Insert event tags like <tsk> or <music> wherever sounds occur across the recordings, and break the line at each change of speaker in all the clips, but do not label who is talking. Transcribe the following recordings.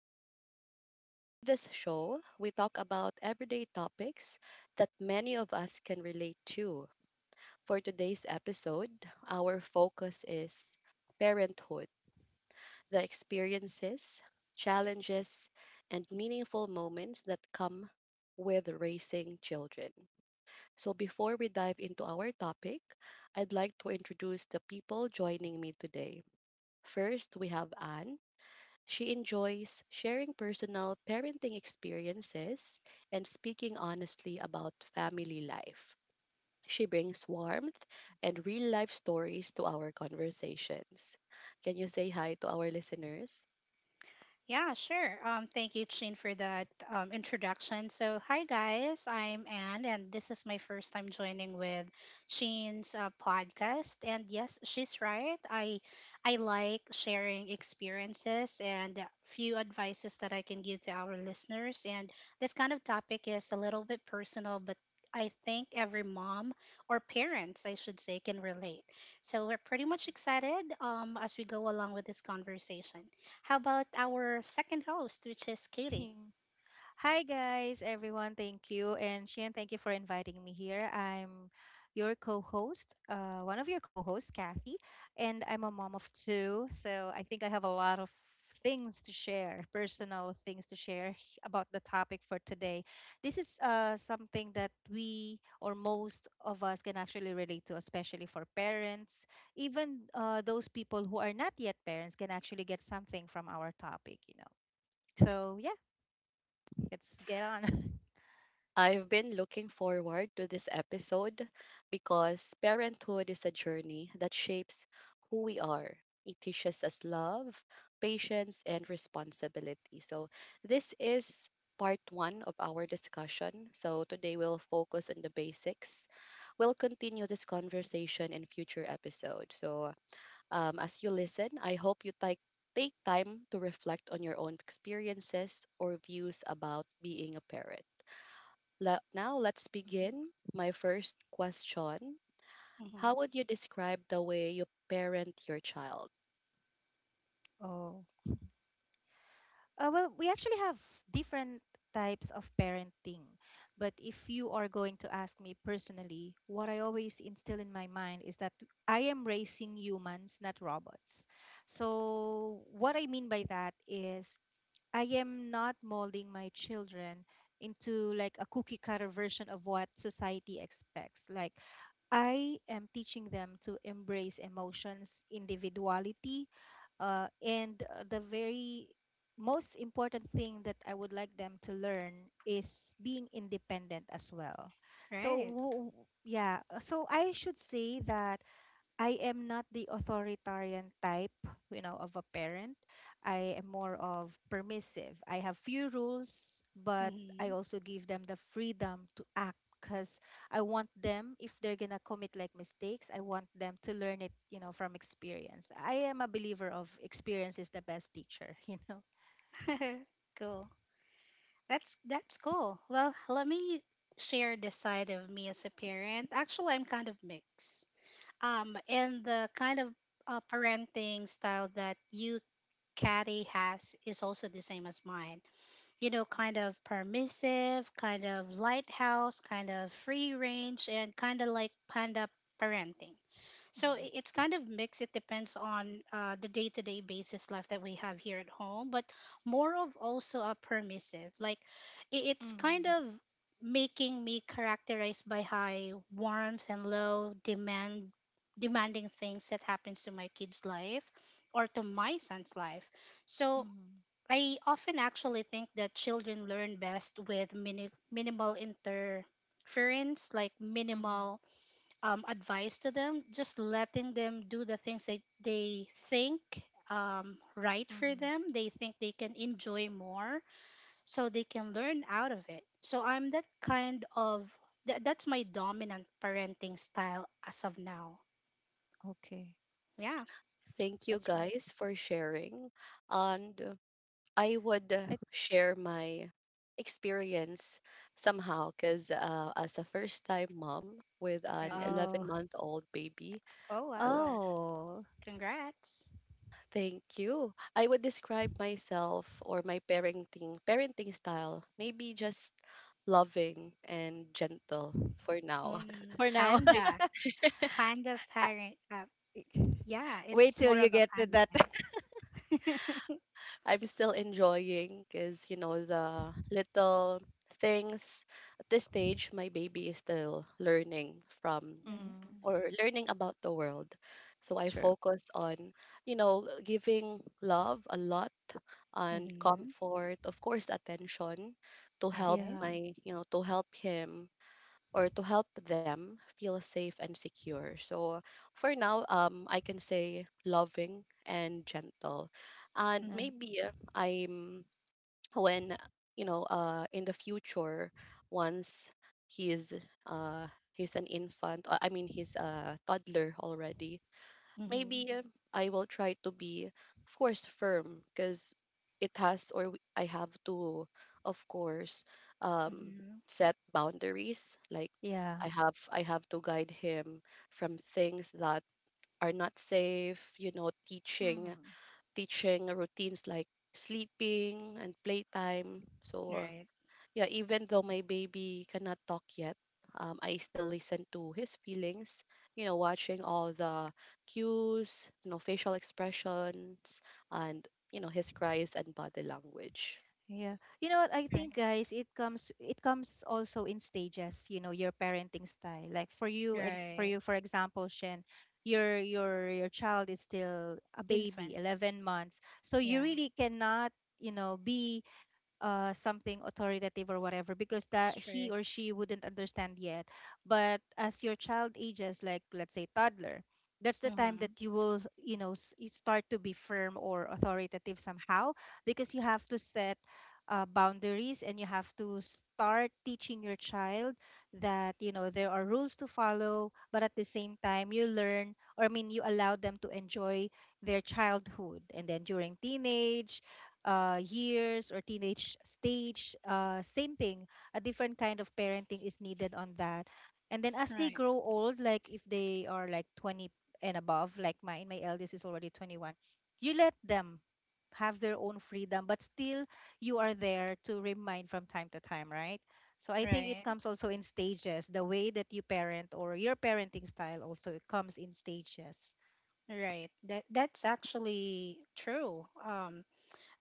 today. In this show, we talk about everyday topics that many of us can relate to. For today's episode, our focus is parenthood, the experiences, challenges, and meaningful moments that come with raising children. So, before we dive into our topic, I'd like to introduce the people joining me today. First, we have Anne. She enjoys sharing personal parenting experiences and speaking honestly about family life. She brings warmth and real life stories to our conversations. Can you say hi to our listeners?
Yeah, sure. Thank you, Chin, for that introduction. So, hi guys, I'm Anne, and this is my first time joining with Chin's podcast. And yes, she's right. I like sharing experiences and a few advices that I can give to our listeners. And this kind of topic is a little bit personal, but I think every mom or parents, I should say, can relate. So we're pretty much excited as we go along with this conversation. How about our second host, which is Katie?
<laughs> Hi, guys, everyone. Thank you. And Shane, thank you for inviting me here. I'm your co host, one of your co hosts, Kathy, and I'm a mom of two. So I think I have a lot of things to share, personal things to share about the topic for today. This is something that we or most of us can actually relate to, especially for parents. Even those people who are not yet parents can actually get something from our topic, you know. So, yeah. Let's get on. <laughs>
I've been looking forward to this episode because parenthood is a journey that shapes who we are. It teaches us love, patience, and responsibility. So, this is part one of our discussion. So, today we'll focus on the basics. We'll continue this conversation in future episodes. So, as you listen, I hope you take time to reflect on your own experiences or views about being a parent. Now let's
Mhm.
begin. My first question: how
Hmm.
would you describe the way you parent your child?
Oh. Well, we actually have different types of parenting. But if you are going to ask me personally, what I always instill in my mind is that I am raising humans, not robots. So, what I mean by that is I am not molding my children into like a cookie cutter version of what society expects. Like, I am teaching them to embrace emotions, individuality, and the very most important thing that I would like them to learn is being independent as well. So,
Right.
yeah, so I should say that I am not the authoritarian type, you know, of a parent. I am more of permissive. I have few rules, but I
Hmm.
also give them the freedom to act because I want them, if they're gonna commit like mistakes, I want them to learn it, you know, from experience. I am a believer of experience is the best teacher, <laughs> you know.
<laughs> Cool. That's cool. Well, let me share the side of me as a parent. Actually, I'm kind of mixed. And the kind of parenting style that you, Katie, has is also the same as mine. You know, kind of permissive, kind of lighthouse, kind of free range, and kind of like panda parenting. So it's kind of mixed. It depends on the day to day basis life that we have here at home, but more of also a permissive. Like it's
Mm-hmm. Mm-hmm.
kind of making me characterized by high warmth and low demanding things that happens to my kid's life or to my son's life. So
Mm-hmm.
I often actually think that children learn best with minimal interference, like
Mm-hmm.
minimal advice to them, just letting them do the things that they think right for
Mm-hmm.
them. They think they can enjoy more, so they can learn out of it. So I'm that kind of that's my dominant parenting style as of now.
Okay,
Yeah.
Thank you
that's right.
guys for sharing. And I would
I
share my experience somehow, because as a first time mom with an
Right.
11
Oh,
month old baby,
Oh,
so
wow!
oh,
Congrats.
thank you, I would describe myself, or my parenting style, maybe just loving and gentle for now. <laughs>
Mm,
for now.
panda,
<laughs>
panda
<laughs>
parent.
I-
Yeah,
Wait
it's
till
more
you
of a
get to
panda
that. <laughs>
thing. <laughs>
I'm still enjoying because, you know, the little things. At this stage, my baby is still learning from,
Mm-hmm.
Mm.
or learning about, the world. So I
True.
focus on, you know, giving love a lot and
Mm-hmm.
comfort, of course, attention to
All
help
right.
Yeah.
my, you know, to help him, or to help them feel safe and secure. So for now, I can say loving and gentle. And
Uh,
Mm-hmm.
maybe I'm when you know in the future, once he's he's an infant, I mean he's a toddler already, maybe I will try to be, of course, firm because it has or w- I have to, of course, um,
Mm-hmm.
set boundaries. Like
yeah.
I have to guide him from things that are not safe. You know, teaching,
Mm.
teaching routines like sleeping and playtime. So
Right.
yeah, even though my baby cannot talk yet, I still listen to his feelings, you know, watching all the cues, you know, facial expressions, and, you know, his cries and body language.
Yeah. You know what? I
Right,
think, guys, it comes also in stages, you know, your parenting style. Like for
right.
you, for example, Shen, your child is still a baby,
Infant.
11 months. So you
Yeah.
really cannot, you know, be something authoritative or whatever because that he or
Strict.
she wouldn't understand yet. But as your child ages, like let's say toddler, that's the time that
Mm-hmm.
you will, you know, you start to be firm or authoritative somehow because you have to set boundaries, and you have to start teaching your child that you know there are rules to follow, but at the same time you learn, or I mean, you allow them to enjoy their childhood, and then during teenage years or teenage stage. Same thing, a different kind of parenting is needed on that. And then as they
Right,
grow old, like if they are like 20 and above, like mine, my eldest is already 21, you let them have their own freedom, but still you are there to remind from time to time, right? So I think it
right,
comes also in stages. The way that you parent or your parenting style also comes in stages.
right. That's actually true.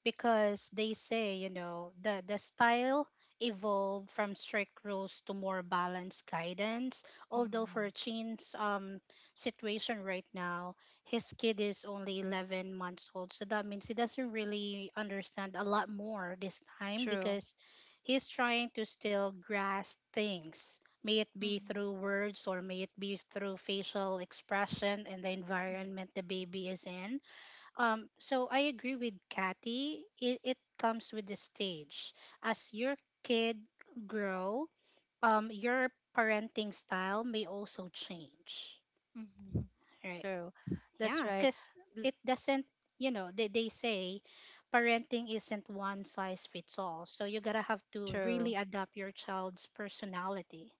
Because they say, you know, the style evolved from strict rules to more balanced guidance. Although
Hmm.
for Chin's situation right now, his kid is only 11 months old. So that means he doesn't really understand a lot more this time
True.
because he's trying to still grasp things. May it be
Hmm.
through words or may it be through facial expression and the environment the baby is in, so I agree with Kathy. It comes with the stage. As your kid grow, your parenting style may also change.
Mhm. <laughs>
Right?
True. That's
Yeah,
right.
because
L-
it doesn't. You know, they say parenting isn't one size fits all. So you gotta have to really
True.
adapt your child's personality.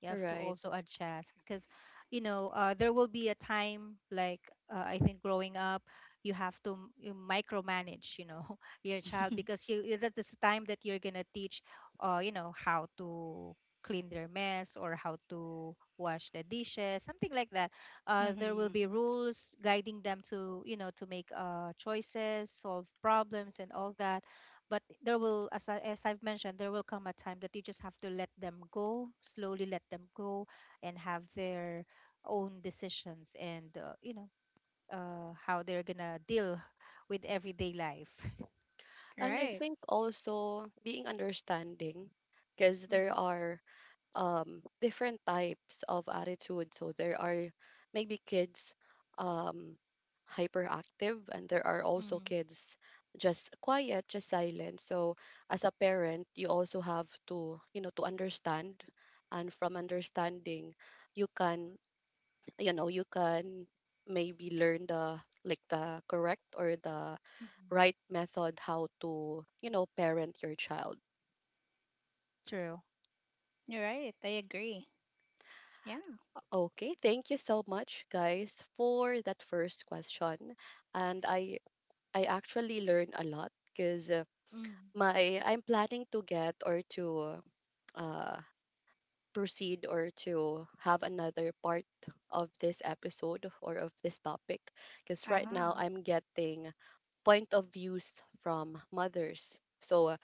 You have to
Right.
also adjust because, you know, there will be a time like I think growing up, you have to m- you micromanage, you know, <laughs> your child
<laughs>
because that is the time that you're gonna teach, you know, how to clean their mess or how to wash the dishes, something like that. There will
Hmm.
be rules guiding them to, you know, to make choices, solve problems, and all that, but there will, as I've mentioned, there will come a time that you just have to let them go, slowly let them go and have their own decisions, and you know how they're gonna deal with everyday life. <laughs>
And I
Right.
think also being understanding, because there
Mm.
are different types of attitude. So there are maybe kids um, hyperactive, and there are also
Mm-hmm.
kids just quiet, just silent. So as a parent, you also have to, you know, to understand, and from understanding, you can you can maybe learn, the like, the correct or the
Mm-hmm.
right method how to, you know, parent your child.
True.
You're right. I agree. Yeah.
Okay, thank you so much, guys, for that first question. And I actually learned a lot because my I'm planning to get, or to uh proceed, or to have another part of this episode or of this topic, because right
Mm-hmm.
now
Uh
I'm getting point of views from mothers. So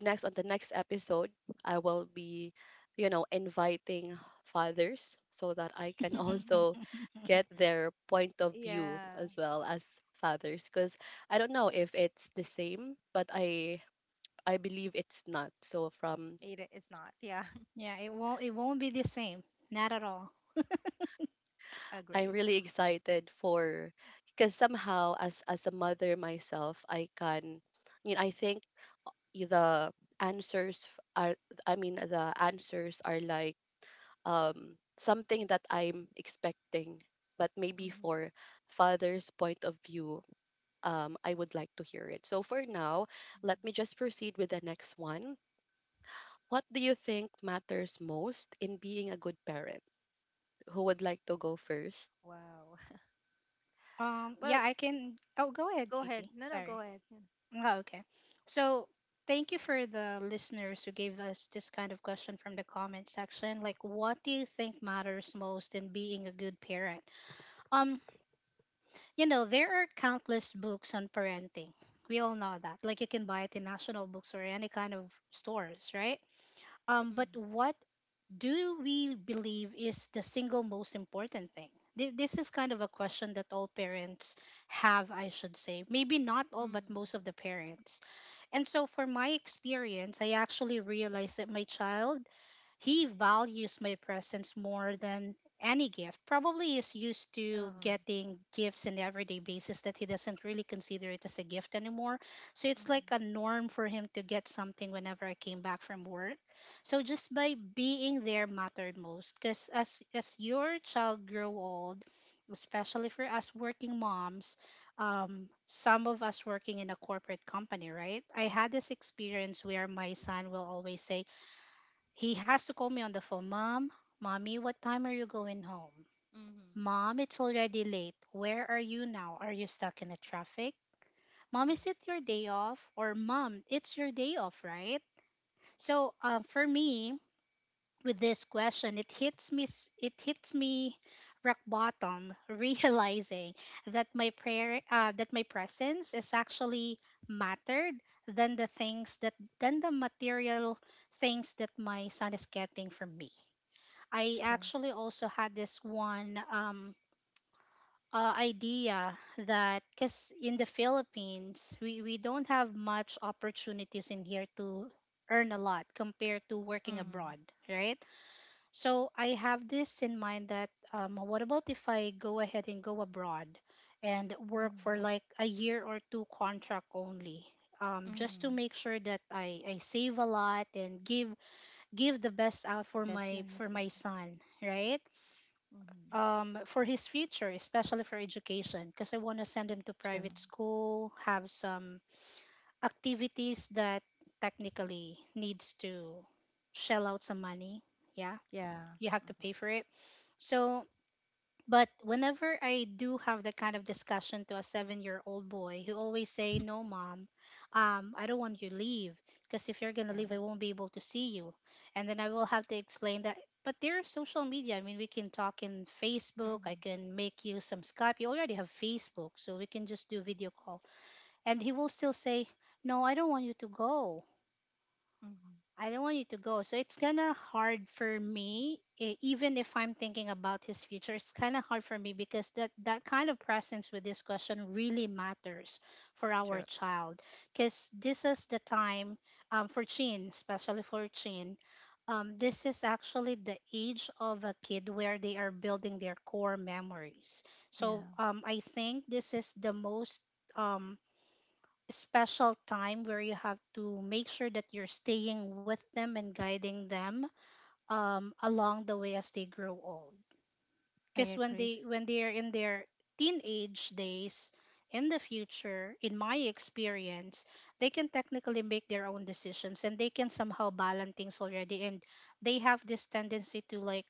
next on the next episode, I will be, you know, inviting fathers so that I can <laughs>
huh.
<laughs>
also get
<laughs>
their point of view
Yeah.
as well as fathers, because I don't know if it's the same, but I believe it's not. So from
It's not, yeah.
Yeah, it won't be the same. Not at all.
<laughs>
I'm
Agree.
really excited for because somehow, as a mother myself, I can, you know, I think the answers f- are the answers are like something that I'm expecting. But maybe for father's point of view, I would like to hear it. So for now, let me
Mm-hmm.
just proceed with the next one. What do you think matters most in being a good parent? Who would like to go first?
Wow. <laughs>
Yeah,
Well,
I can oh, go ahead,
go ahead.
Katie.
No, no, go
Sorry.
ahead. Yeah.
Oh, okay. So, thank you for the listeners who gave us this kind of question from the comment section. Like, what do you think matters most in being a good parent? Um, you know, there are countless books on parenting. We all know that. Like, you can buy it in national books or any kind of stores, right? But
Mm-hmm.
what do we believe is the single most important thing? This is kind of a question that all parents have, I should say. Maybe not all, but
Mm-hmm.
most of the parents. And so, for my experience, I actually realized that my child, he values my presence more than any gift. Probably is used to
Uh-huh.
getting gifts on the everyday basis that he doesn't really consider it as a gift anymore. So it's like a
Mm-hmm.
norm for him to get something whenever I came back from work. So just by being there mattered most because as your child grow old, especially for us working moms, some of us working in a corporate company, right? I had this experience where my son will always say, he has to call me on the phone. Mom, mommy, what time are you going home?
Mm-hmm.
Mom, it's already late. Where are you now? Are you stuck in the traffic? Mom, is it your
Mm-hmm.
day off? Or mom, it's your day off, right? So for me, with this question, it hits me. It hits me rock bottom, <laughs> realizing that my prayer, that my presence is actually mattered than the things that than the material things that my son is getting from me. I
True.
actually also had this one idea that because in the Philippines, we don't have much opportunities in here to earn a lot compared to working
Mm-hmm.
abroad, right? So I have this in mind that, what about if I go ahead and go abroad and work
Mm-hmm.
for like a year or two contract only? Just to
Mm-hmm.
make sure that I save a lot and give the best out for
Best
my
life,
for
yeah.
my son, right?
Mm-hmm.
For his future, especially for education, because I want to send him to
True.
private school, have some activities that technically needs to shell out some money. Yeah,
Yeah.
you have to
Uh-huh.
pay for it. So but whenever I do have that kind of discussion to a 7-year-old old boy, he always say, no, mom, I don't want you to leave. Because if you're going to
Yeah.
leave, I won't be able to see you. And then I will have to explain that. But there's social media. I mean, we can talk in Facebook. I
Mm-hmm.
can make you some Skype. You already have Facebook, so we can just do video call. And he will still say, no, I don't want you to go.
Mm-hmm.
I don't want you to go. So it's kind of hard for me, even if I'm thinking about his future, it's kind of hard for me because that kind of presence with this question really matters for our
True.
child. Because this is the time, for Chin, especially for Chin, this is actually the age of a kid where they are building their core memories. So,
Yeah.
I think this is the most Um, special time where you have to make sure that you're staying with them and guiding them along the way as they grow old.
I
Because when
agree.
they when they are in their teenage days, in the future, in my experience, they can technically make their own decisions and they can somehow balance things already. And they have this tendency to like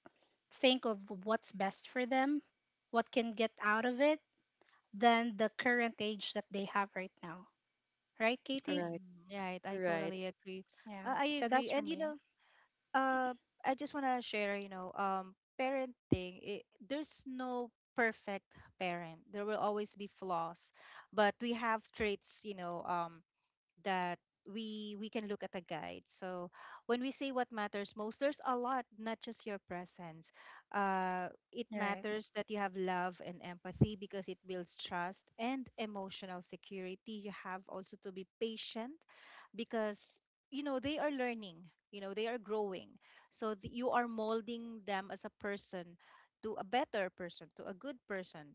think of what's best for them, what can get out of it, than the current age that they have right now. Right, Katie?
Right,
Mm-hmm. Right. I
right,
totally agree.
Yeah.
I
So
agree.
that's for
And you
me.
know, uh I just want to share, you know, parenting, there's no perfect parent. There will always be flaws, but we have traits, you know, that we can look at a guide. So when we say what matters most, there's a lot, not just your presence. It
Right.
matters that you have love and empathy because it builds trust and emotional security. You have also to be patient because, you know, they are learning, you know, they are growing. So you are molding them as a person, to a better person, to a good person.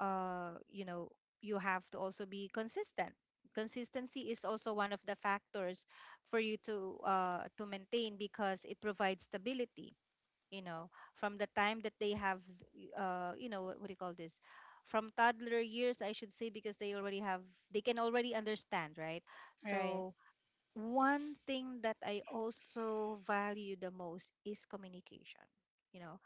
You know, you have to also be consistent. Consistency is also one of the factors for you to maintain because it provides stability, you know, from the time that they have, you know, what do you call this, from toddler years, I should say, because they already have, they can already understand, right?
Right.
So one thing that I also value the most is communication, you know.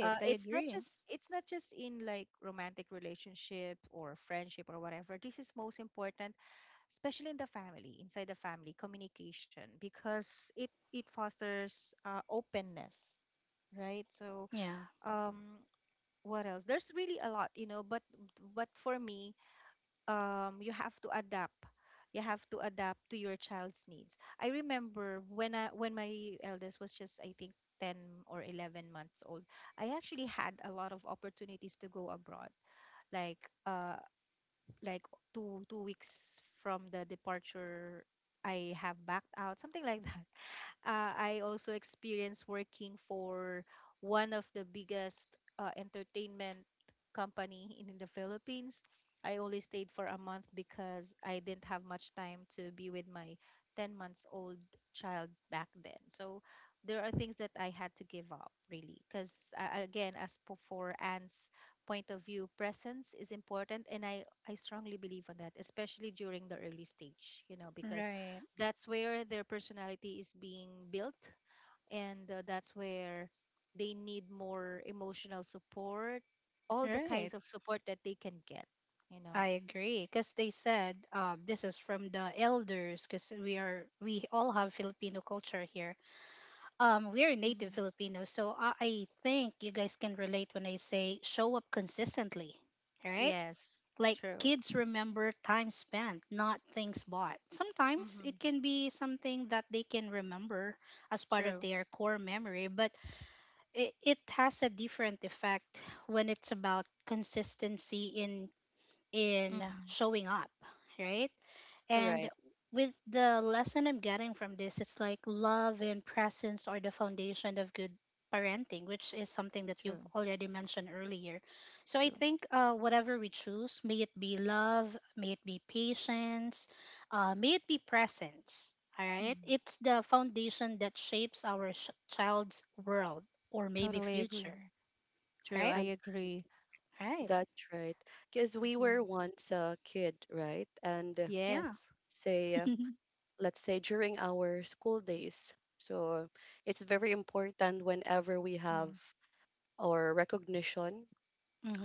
I
It's not
agree.
just, in like romantic relationship or friendship or whatever, this is most important, especially in the family, inside the family, communication, because it fosters openness, right? So
Yeah.
um what else, there's really a lot, you know, but for me, um you have to adapt you have to adapt to your child's needs. I remember when I when my eldest was just, I think, 10 or 11 months old, I actually had a lot of opportunities to go abroad, like like two weeks from the departure I have backed out, something like that. I also experienced working for one of the biggest entertainment company in the Philippines. I only stayed for a month because I didn't have much time to be with my 10 months old child back then. So there are things that I had to give up really because, again, for Anne's point of view, presence is important, and I strongly believe on that, especially during the early stage, you know, because
Right.
that's where their personality is being built, and that's where they need more emotional support, all the
Right.
kinds of support that they can get, you know.
I agree. Because they said, this is from the elders. Because we all have Filipino culture here. We are native
Mm-hmm.
Filipinos, so I think you guys can relate when I say show up consistently. Right.
Yes.
Like,
True.
kids remember time spent, not things bought. Sometimes
Mm-hmm.
it can be something that they can remember as part of
True.
their core memory, but it has a different effect when it's about consistency in
Mm-hmm.
showing up, right? And
right.
with the lesson I'm getting from this, it's like love and presence are the foundation of good parenting, which is something that you've
True.
already mentioned earlier. So I
True.
think, whatever we choose, may it be love, may it be patience, may it be presence, all right?
Mm-hmm.
It's the foundation that shapes our child's world or maybe
Totally
future,
agree. True.
right?
I
Um,
agree.
Right.
that's right. Because we
Yeah.
were once a kid, right? And
Yes.
Yeah.
say,
<laughs>
let's say during our school days. So it's very important whenever we have
Mm-hmm.
or recognition.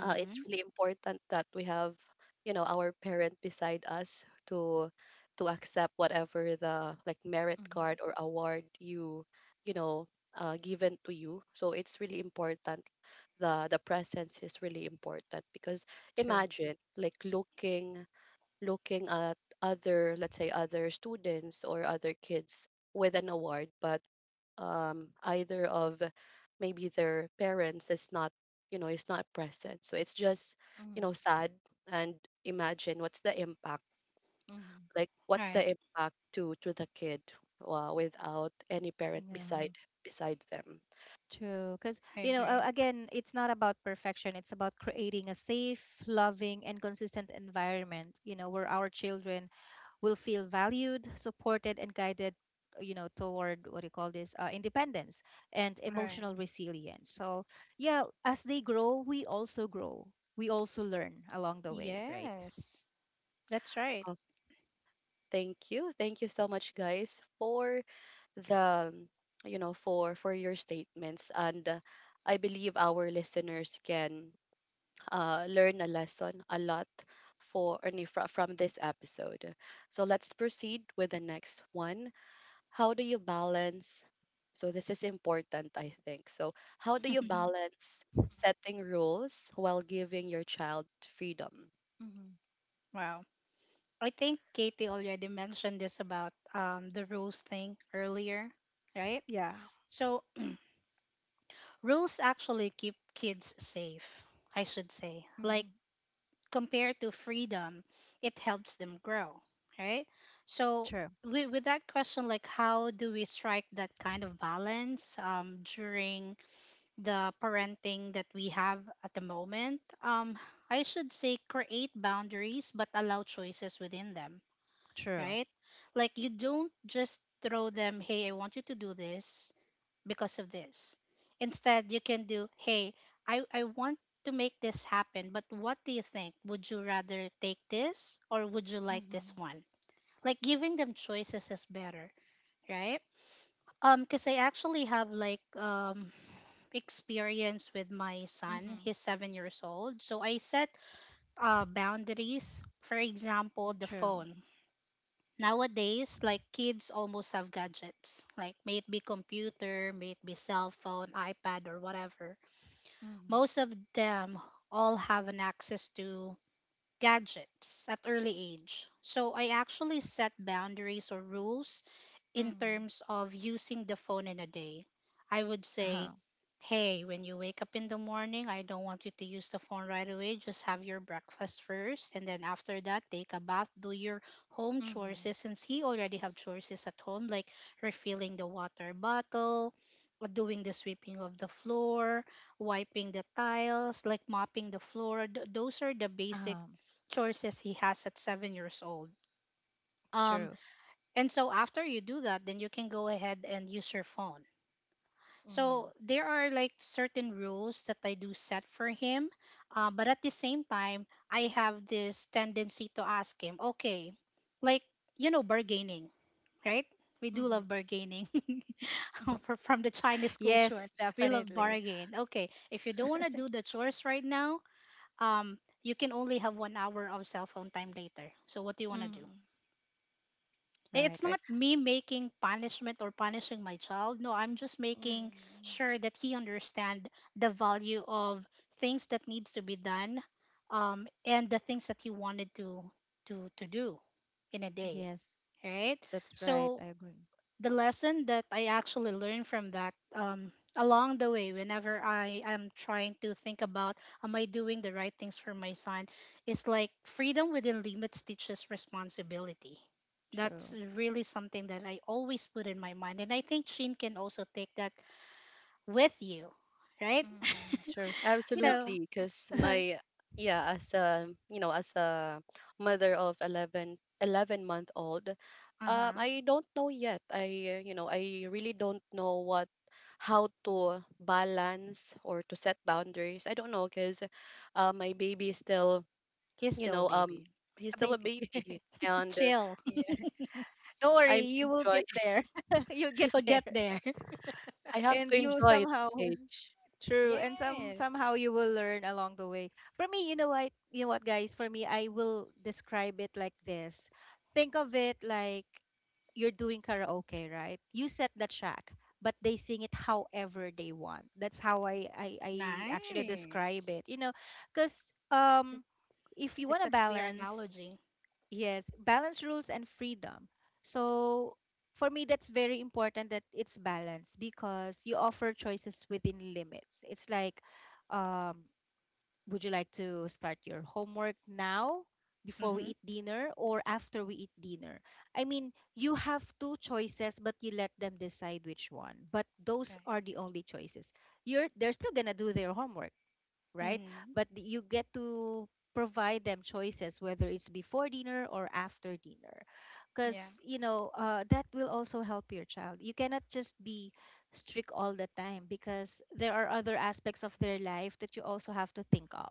It's really important that we have, you know, our parent beside us to accept whatever, the like, merit
Mm-hmm.
card or award, you know, given to you. So it's really important. The presence is really important, because
True.
imagine like looking at other, let's say, other students or other kids with an award, but either of, maybe, their parents is not, you know, is not present. So it's just,
Mm-hmm.
you know, sad. And imagine what's the impact,
Mm-hmm.
like
All
what's the
right.
impact to the kid without any parent
Yeah.
beside them.
True, because,
I
you know,
agree.
again, it's not about perfection. It's about creating a safe, loving, and consistent environment, you know, where our children will feel valued, supported, and guided, you know, toward what do you call this, independence and
All right.
emotional resilience. So, yeah, as they grow. We also learn along the way, right?
Yes. That's right.
Uh, thank you so much, guys, for the, you know, for your statements, and I believe our listeners can learn a lesson, a lot, for, I mean, from this episode. So let's proceed with the next one. How do you balance so this is important, I think, so how do you
<laughs>
balance setting rules while giving your child freedom?
Mm-hmm.
Wow. I think Katie already mentioned this about the rules thing earlier, right?
Yeah.
So, rules actually keep kids safe, I should say. Like,
Mm-hmm.
compared to freedom, it helps them grow, right? So,
True.
with that question, like, how do we strike that kind of balance during the parenting that we have at the moment? I should say, create boundaries but allow choices within them,
True.
right? Like, you don't just throw them, hey, I want you to do this because of this. Instead, you can do, hey, I want to make this happen, but what do you think? Would you rather take this or would you like this
Mm-hmm.
one? Like, giving them choices is better, right? Because I actually have like experience with my son.
Mm-hmm.
He's 7 years old. So I set boundaries. For example, the
True.
phone. Nowadays, like kids almost have gadgets, like may it be computer, may it be cell phone, iPad, or whatever.
Mm-hmm.
Most of them all have an access to gadgets at early age. So I actually set boundaries or rules in
Mm-hmm.
terms of using the phone in a day. I would
Uh huh.
say, hey, when you wake up in the morning, I don't want you to use the phone right away. Just have your breakfast first, and then after that, take a bath, do your home
Mm-hmm.
chores. Since he already have chores at home, like refilling the water bottle, doing the sweeping of the floor, wiping the tiles, like mopping the floor. Those are the
Uh
basic
huh.
chores he has at 7 years old. Um,
True.
and so after you do that, then you can go ahead and use your phone.
Mm-hmm.
So there are like certain rules that I do set for him, but at the same time, I have this tendency to ask him, okay, like you know, bargaining, right? We do
Mm-hmm.
love bargaining <laughs>
<laughs>
from the Chinese culture.
Yes,
We love
definitely.
bargain. Okay, if you don't want to do the chores right now, you can only have 1 hour of cell phone time later. So what do you want to do?
Mm-hmm. Right,
It's
right.
not me making punishment or punishing my child. No, I'm just making
Mm-hmm.
sure that he understand the value of things that needs to be done, and the things that he wanted to to do in a day,
Yes,
right?
that's right.
So
I agree.
the lesson that I actually learned from that along the way, whenever I am trying to think about, am I doing the right things for my son, is like freedom within limits teaches responsibility. That's
True.
really something that I always put in my mind. And I think Shin can also take that with you, right?
Mm-hmm. True.
<laughs>
You know,
So,
Absolutely, because
<laughs> a
my yeah, as, a you know, as a mother of 11 11 month old,
uh huh.
I don't know yet. I you know, I really don't know what how to balance or to set boundaries. I don't know, because my baby is still,
He's
you
still a
know,
baby.
baby.
he's still a
<laughs>
baby, and
Chill.
Yeah. Don't worry,
I
you will get
enjoy
there. <laughs> You'll
<laughs>
get
You'll
there.
get there. <laughs>
I have
And
to
you
enjoy this
somehow
age.
<laughs> true, and somehow
Yes.
you will learn along the way. For me, you know what, guys. For me, I will describe it like this. Think of it like you're doing karaoke, right? You set the track, but they sing it however they want. That's how I actually describe
Nice.
it. You know, because,
Th-
um, if you want
That's
to
a clear
balance,
analogy.
yes, balance rules and freedom. So for me, that's very important that it's balanced because you offer choices within limits. It's like, um, would you like to start your homework now,
Mm
before we
hmm.
eat dinner or after we eat dinner? I mean, you have two choices, but you let them decide which one. But those
Right.
are the only choices. You're they're still gonna do their homework, right?
Mm,
But you get to provide them choices whether it's before dinner or after dinner, because,
yeah.
you know, that will also help your child. You cannot just be strict all the time because there are other aspects of their life that you also have to think of,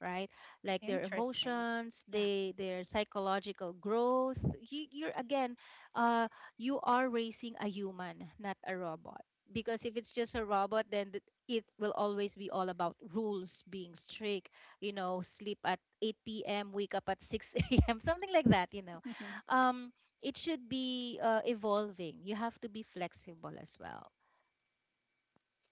right? Like their
Interesting.
emotions,
Yeah. <laughs>
they their psychological growth. You're, again, uh, you are raising a human, not a robot, because if it's just a robot, then it will always be all about rules, being strict, you know, sleep at 8 p.m., wake up at 6 a.m., <laughs> something like that, you know. Um, it should be, evolving. You have to be flexible as well.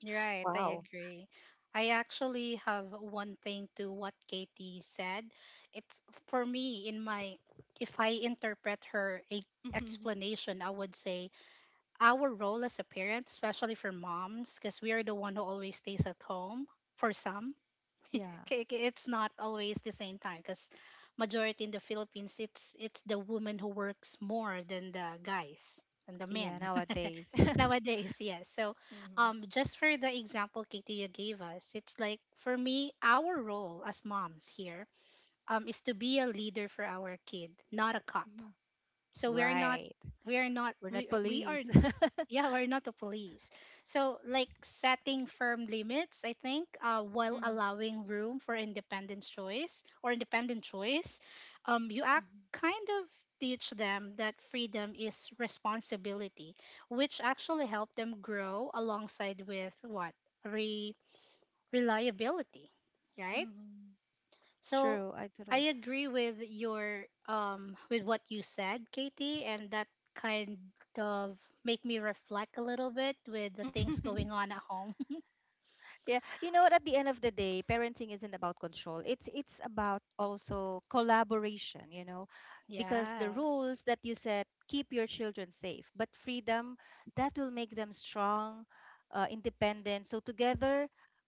Right. I
Oh,
agree. I actually have one thing to what Katie said. It's for me in my if I interpret her
Mhm.
explanation, I would say our role as a parent, especially for moms, because we are the one who always stays at home for some.
Yeah.
Okay, okay, it's not always the same time because majority in the Philippines, it's the woman who works more than the guys and the men
Yeah,
<laughs>
nowadays. <laughs>
nowadays. Yes. So,
Mhm.
just for the example Katie you gave us, it's like for me, our role as moms here, is to be a leader for our kid, not a cop.
Mhm.
So
Right. We're not
we are,
police. <laughs>
yeah, we're not the police. So like setting firm limits, I think, while
Mhm.
allowing room for independent choice or independent choice. You act
Mhm.
kind of teach them that freedom is responsibility, which actually help them grow alongside with what re- reliability, right?
Mhm.
So
True. I totally.
I agree with your with what you said, Katie, and that kind of make me reflect a little bit with the things going
<laughs>
on at home. <laughs>
Yeah, you know what? At the end of the day, parenting isn't about control. It's about also collaboration. You know, because the
Yes.
rules that you set keep your children safe, but freedom, that will make them strong, independent. So together,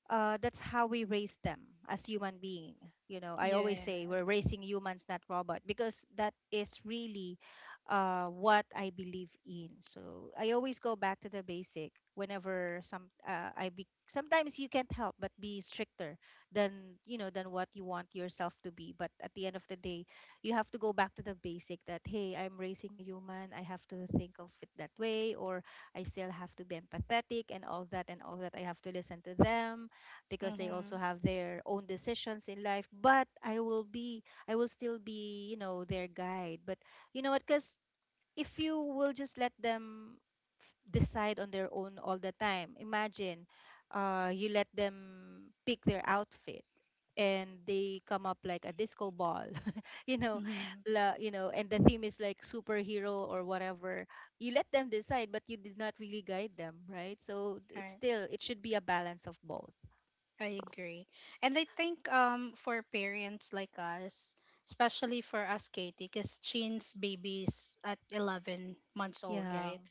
that's how we raise them as human being. You know, I always say we're
Yes.
raising humans, not robot, because that is really what I believe in. So I always go back to the basic whenever some I be sometimes you can't help but be stricter than, you know, than what you want yourself to be. But at the end of the day, you have to go back to the basic that, hey, I'm raising a human. I have to think of it that way. Or I still have to be empathetic, and all that. I have to listen to them because they also
Mhm.
have their own decisions in life, but I will still be, you know, their guide. But you know what? Because if you will just let them decide on their own all the time, imagine you let them pick their outfit and they come up like a disco ball. <laughs> you know
Mhm.
la, you know And the theme is like superhero or whatever. You let them decide but you did not really guide them, right? So
Right.
it should be a balance of both.
I agree. And I think for parents like us, especially for us Katie, cuz Chin's baby's at 11 months old,
Yeah.
right?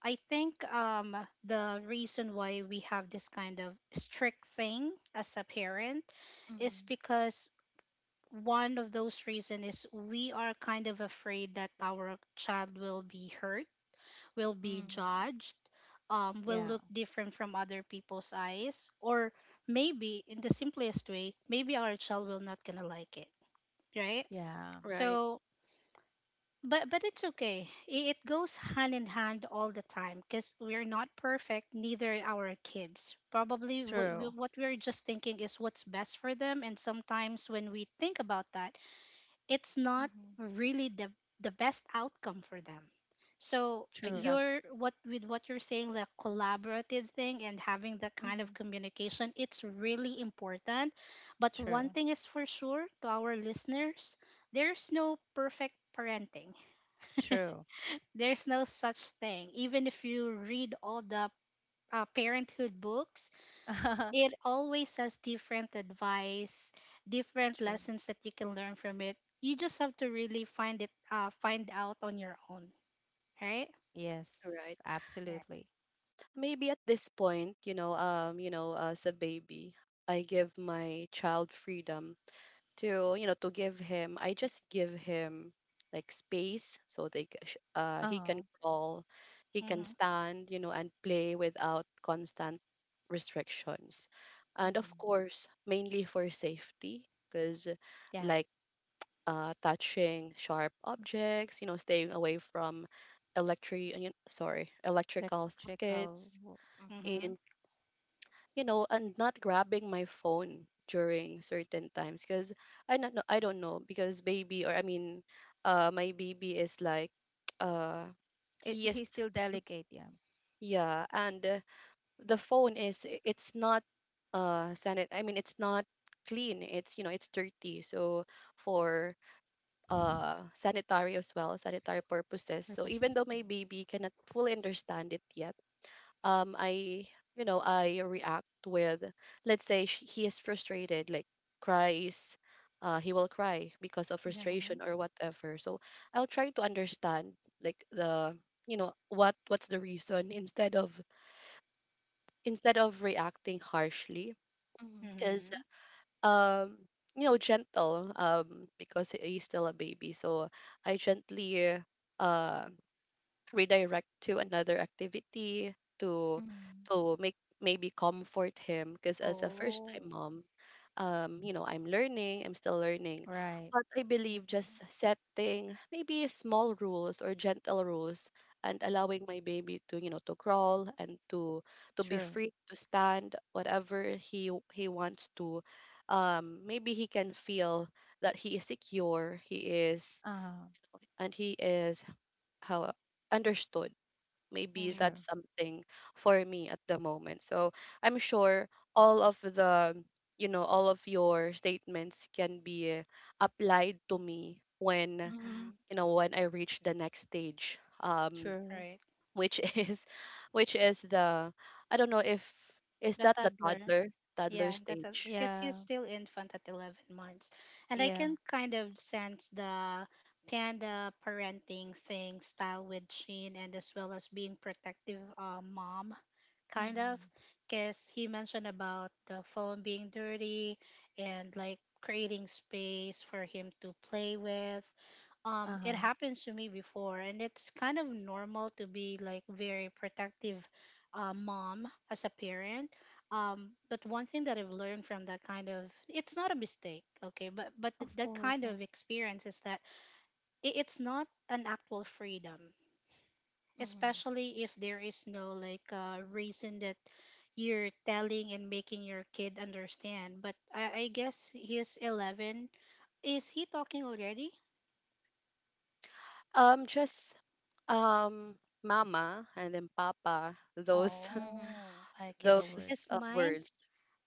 I think the reason why we have this kind of strict thing as a parent is
Mm-hmm.
because one of those reasons is we are kind of afraid that our child will be hurt, will be
Mm-hmm.
judged, will
Yeah,
look different from other people's eyes, or maybe in the simplest way, maybe our child will not gonna like it, right?
yeah.
right,
So but it's okay. It goes hand in hand all the time because we're not perfect, neither are our kids. Probably what
True.
what we're just thinking is what's best for them, and sometimes when we think about that, it's not
Mm-hmm.
really the best outcome for them. So
True.
exactly
you're what with what you're saying, the collaborative thing and having that kind
Mm-hmm.
of communication, it's really important. But one
True.
thing is for sure to our listeners, there's no perfect parenting.
True.
<laughs> There's no such thing. Even if you read all the parenthood books,
<laughs> True.
it always has different advice, different lessons that you can learn from it. You just have to really find it, find out on your own, right?
Yes,
right.
Yeah.
absolutely.
Maybe at this point, you know, as a baby, I give my child freedom to give him. I just give him like space, so he can
Uh-huh.
crawl, he can
Mhm.
stand, you know, and play without constant restrictions, and of
Mm-hmm.
course, mainly for safety, because
Yeah,
like, touching sharp objects, you know, staying away from electric, electrical
electrical.
sockets,
Mhm.
Mhm.
and, you know, and not grabbing my phone during certain times, because I don't know, because baby, or I mean, my baby is like, <tsk> uh, he is,
He still delegate, yeah.
yeah, and the phone is, it's not sanit. I mean, it's not clean. It's you know it's dirty. So for sanitary purposes. So even
Purposes.
though my
Mhm.
baby cannot fully understand it yet, I you know I react with, let's say, he is frustrated, like, cries he will cry because of frustration
Mhm.
or whatever. So I'll try to understand, like, the you know what what's the reason, instead of reacting harshly,
Mm-hmm.
because
Mhm.
um you know, gentle, because he's still a baby. So I gently uh redirect to another activity, to
Mm-hmm.
to make, maybe, comfort him, because as a first
Oh.
time mom, you know, I'm learning, I'm still learning.
Right.
But I believe just
Mhm.
setting maybe small rules or gentle rules, and allowing my
Mm-hmm.
baby to, you know, to crawl and to be
True.
free, to stand whatever he wants to. Maybe he can feel that he is secure, he is,
Uh-huh.
and he is, how, understood. Maybe
Mhm.
that's
True.
something for me at the moment. So I'm sure all of the, you know, all of your statements can be applied to me when,
Mm-hmm.
Mhm.
you know, when I reach the next stage,
True.
Right.
which <laughs> is, which is the I don't know if is
The
that the
toddler.
toddler
Yeah, that's
stage.
because
Yeah.
he's still infant at 11 months. And I
Yeah.
can kind of sense the panda parenting thing style with Sheen, and as well as being protective, mom, kind of.
Mm-hmm.
Because he mentioned about the phone being dirty and like creating space for him to play with. It
Uh-huh.
happens to me before and it's kind of normal to be like very protective, mom as a parent. But one thing that I've learned from that kind of, it's not a mistake, okay, but
Of
that
course,
kind
yeah.
of experience is that it's not an actual freedom,
Mm-hmm.
especially if there is no like reason that you're telling and making your kid understand. But I guess he's 11, is he talking already?
Just um mama and then papa, those
Mm-hmm.
Oh,
<laughs>
okay.
The
those
Because
words.
mine,
words.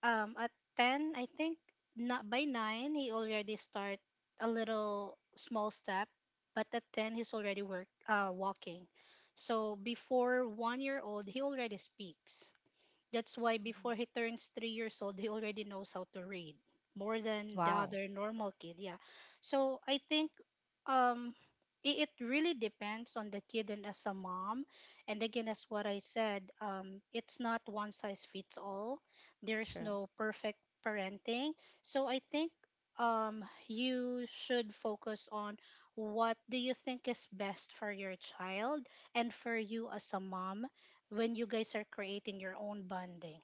at 10, I think, not by 9, he already start a little small step, but at 10, he's already walking. So before one year old, he already speaks. That's why before he
Mm-hmm.
turns 3 years old, he already knows how to read more than the
Wow.
other normal kid. Yeah. So I think um, it really depends on the kid and as a mom. And again, as what I said, it's not one size fits all. There's
True.
no perfect parenting. So I think you should focus on what do you think is best for your child and for you as a mom, when you guys are creating your own bonding,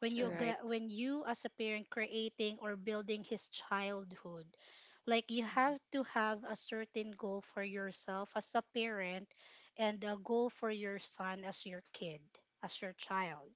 when
All
True.
right,
when you as a parent creating or building his childhood. Like you have to have a certain goal for yourself as a parent and a goal for your son as your kid, as your child.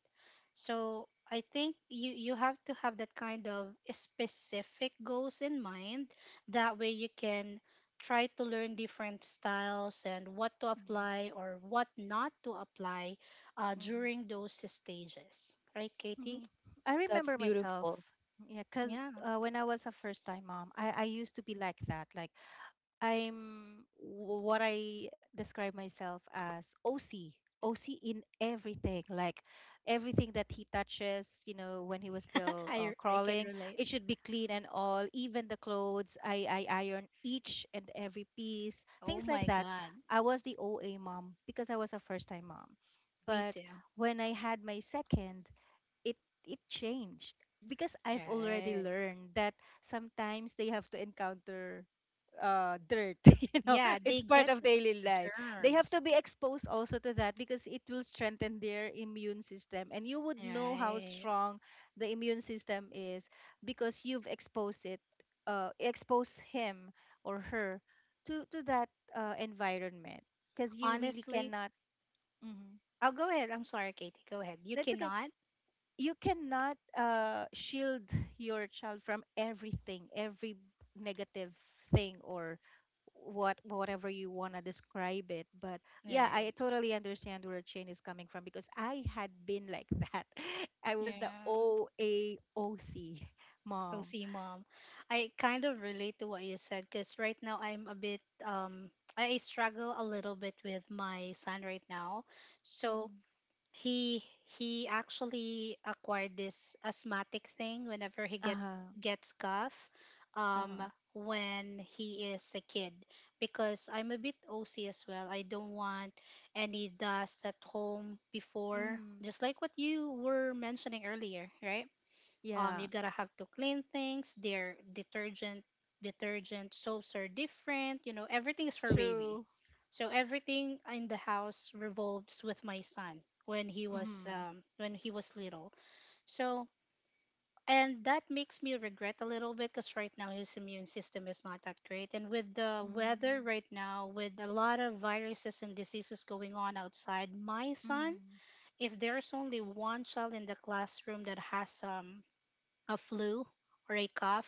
So I think you have to have that kind of specific goals in mind. That way you can try to learn different styles and what to
Mm-hmm.
apply or what not to apply,
Mm-hmm.
during those stages. Right, Katie?
Mhm. I
that's
remember myself.
beautiful.
Yeah, because
Yeah,
when I was a first time mom, I used to be like that. Like, what I describe myself as OC. OC in everything. Like, everything that he touches, when he was still
I can
crawling,
relate.
it should be clean and all. Even the clothes, I iron each and every piece,
Oh
things like
my
that.
God,
I was the OA mom because I was a first time mom.
me
But
too.
when I had my second, it it changed because I've already
Right.
learned that sometimes they have to encounter dirt. <laughs>
Yeah, they
It's part
get
of
the
daily life. They have
germs.
to be exposed also to that because it will strengthen their immune system, and you would know how
Right.
strong the immune system is because you've exposed him or her to that environment, because you really
Honestly,
cannot. Mhm.
I'll go ahead. I'm sorry, Katie. Go ahead. You
That's okay.
cannot.
You cannot shield your child from everything, every negative thing or whatever you want to describe it. But yeah, I
Right.
totally understand where Chain is coming from because I had been like that. <laughs> I was the
Yeah.
OAOC mom.
OC mom. I kind of relate to what you said because right now I'm a bit I struggle a little bit with my son right now. So
Mm-hmm.
he he actually acquired this asthmatic thing whenever he
Uh-huh.
gets cough, um
Uh-huh.
when he is a kid, because I'm a bit OC as well. I don't want any dust at home before,
Mm-hmm.
just like what you were mentioning earlier, right?
Yeah.
You gotta have to clean things, their detergent, soaps are different, you know, everything is for baby.
True.
So everything in the house revolves with my son when he was,
Mm-hmm.
when he was little. So and that makes me regret a little bit because right now his immune system is not that great, and with the weather right now with a lot of viruses and diseases going on outside, my son,
Mm-hmm.
if there's only one child in the classroom that has a flu or a cough,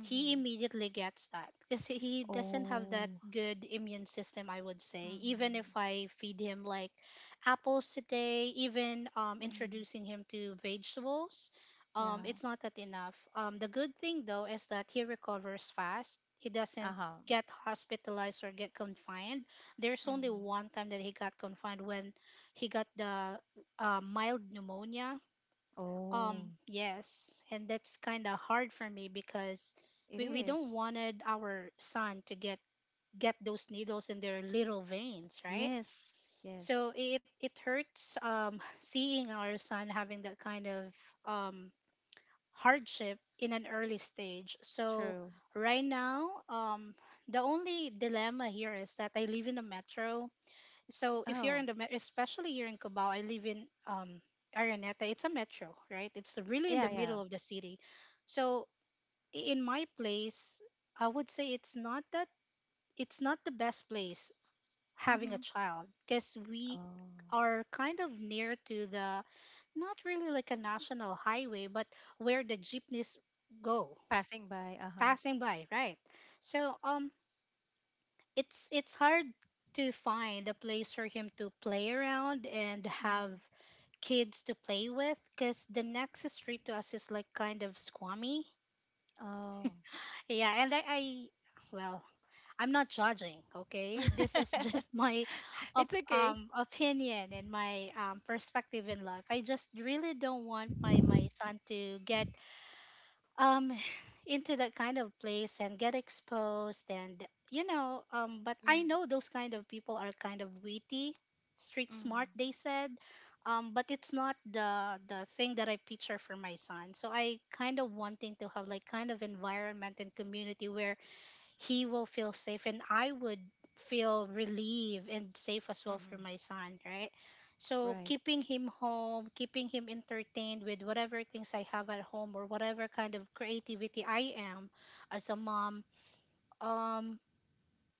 he immediately gets that because he doesn't have that
Oh.
good immune system, I would say. Even
Mm-hmm.
if I feed him like apples today, even
Mm-hmm.
introducing him to vegetables,
Yeah.
it's not that enough. The good thing though is that he recovers fast. He doesn't
Uh-huh.
get hospitalized or get confined. There's only
Hmm.
one time that he got confined when he got the mild pneumonia,
Oh,
yes, and that's kind of hard for me because
it
we don't
is.
wanted our son to get those needles in their little veins, right?
Yes, yes,
So it hurts <sighs> <laughs> seeing our son having that kind of um hardship in an early stage. So
true.
right now, the only dilemma here is that I live in a metro. So if you're in
Oh,
the especially here in Cubao, I live in Araneta. It's a metro, right? It's really in the
yeah, yeah.
middle of the city. So in my place, I would say it's not that, it's not the best place having a
Mm-hmm.
child because we
Oh,
are kind of near to the, not really like a national highway, but where the jeepneys go
passing by. Uh-huh.
passing by, right? So it's hard to find a place for him to play around and have
Mm-hmm.
kids to play with, because the next street to us is like kind of squammy.
Oh,
Yeah, and I, well, I'm not judging, okay? This is just <laughs> my
<laughs> it's okay.
opinion and my perspective in life. I just really don't want my son to get um <sighs> into that kind of place and get exposed and you know. But I
Mm-hmm.
know those kind of people are kind of witty, street smart,
Mm-hmm.
they said. But it's not the thing that I picture for my son, so I kind of wanting to have like kind of environment and community where he will feel safe and I would feel relieved and safe as well for my son, right? So
Right.
keeping him home, keeping him entertained with whatever things I have at home or whatever kind of creativity I am as a mom, um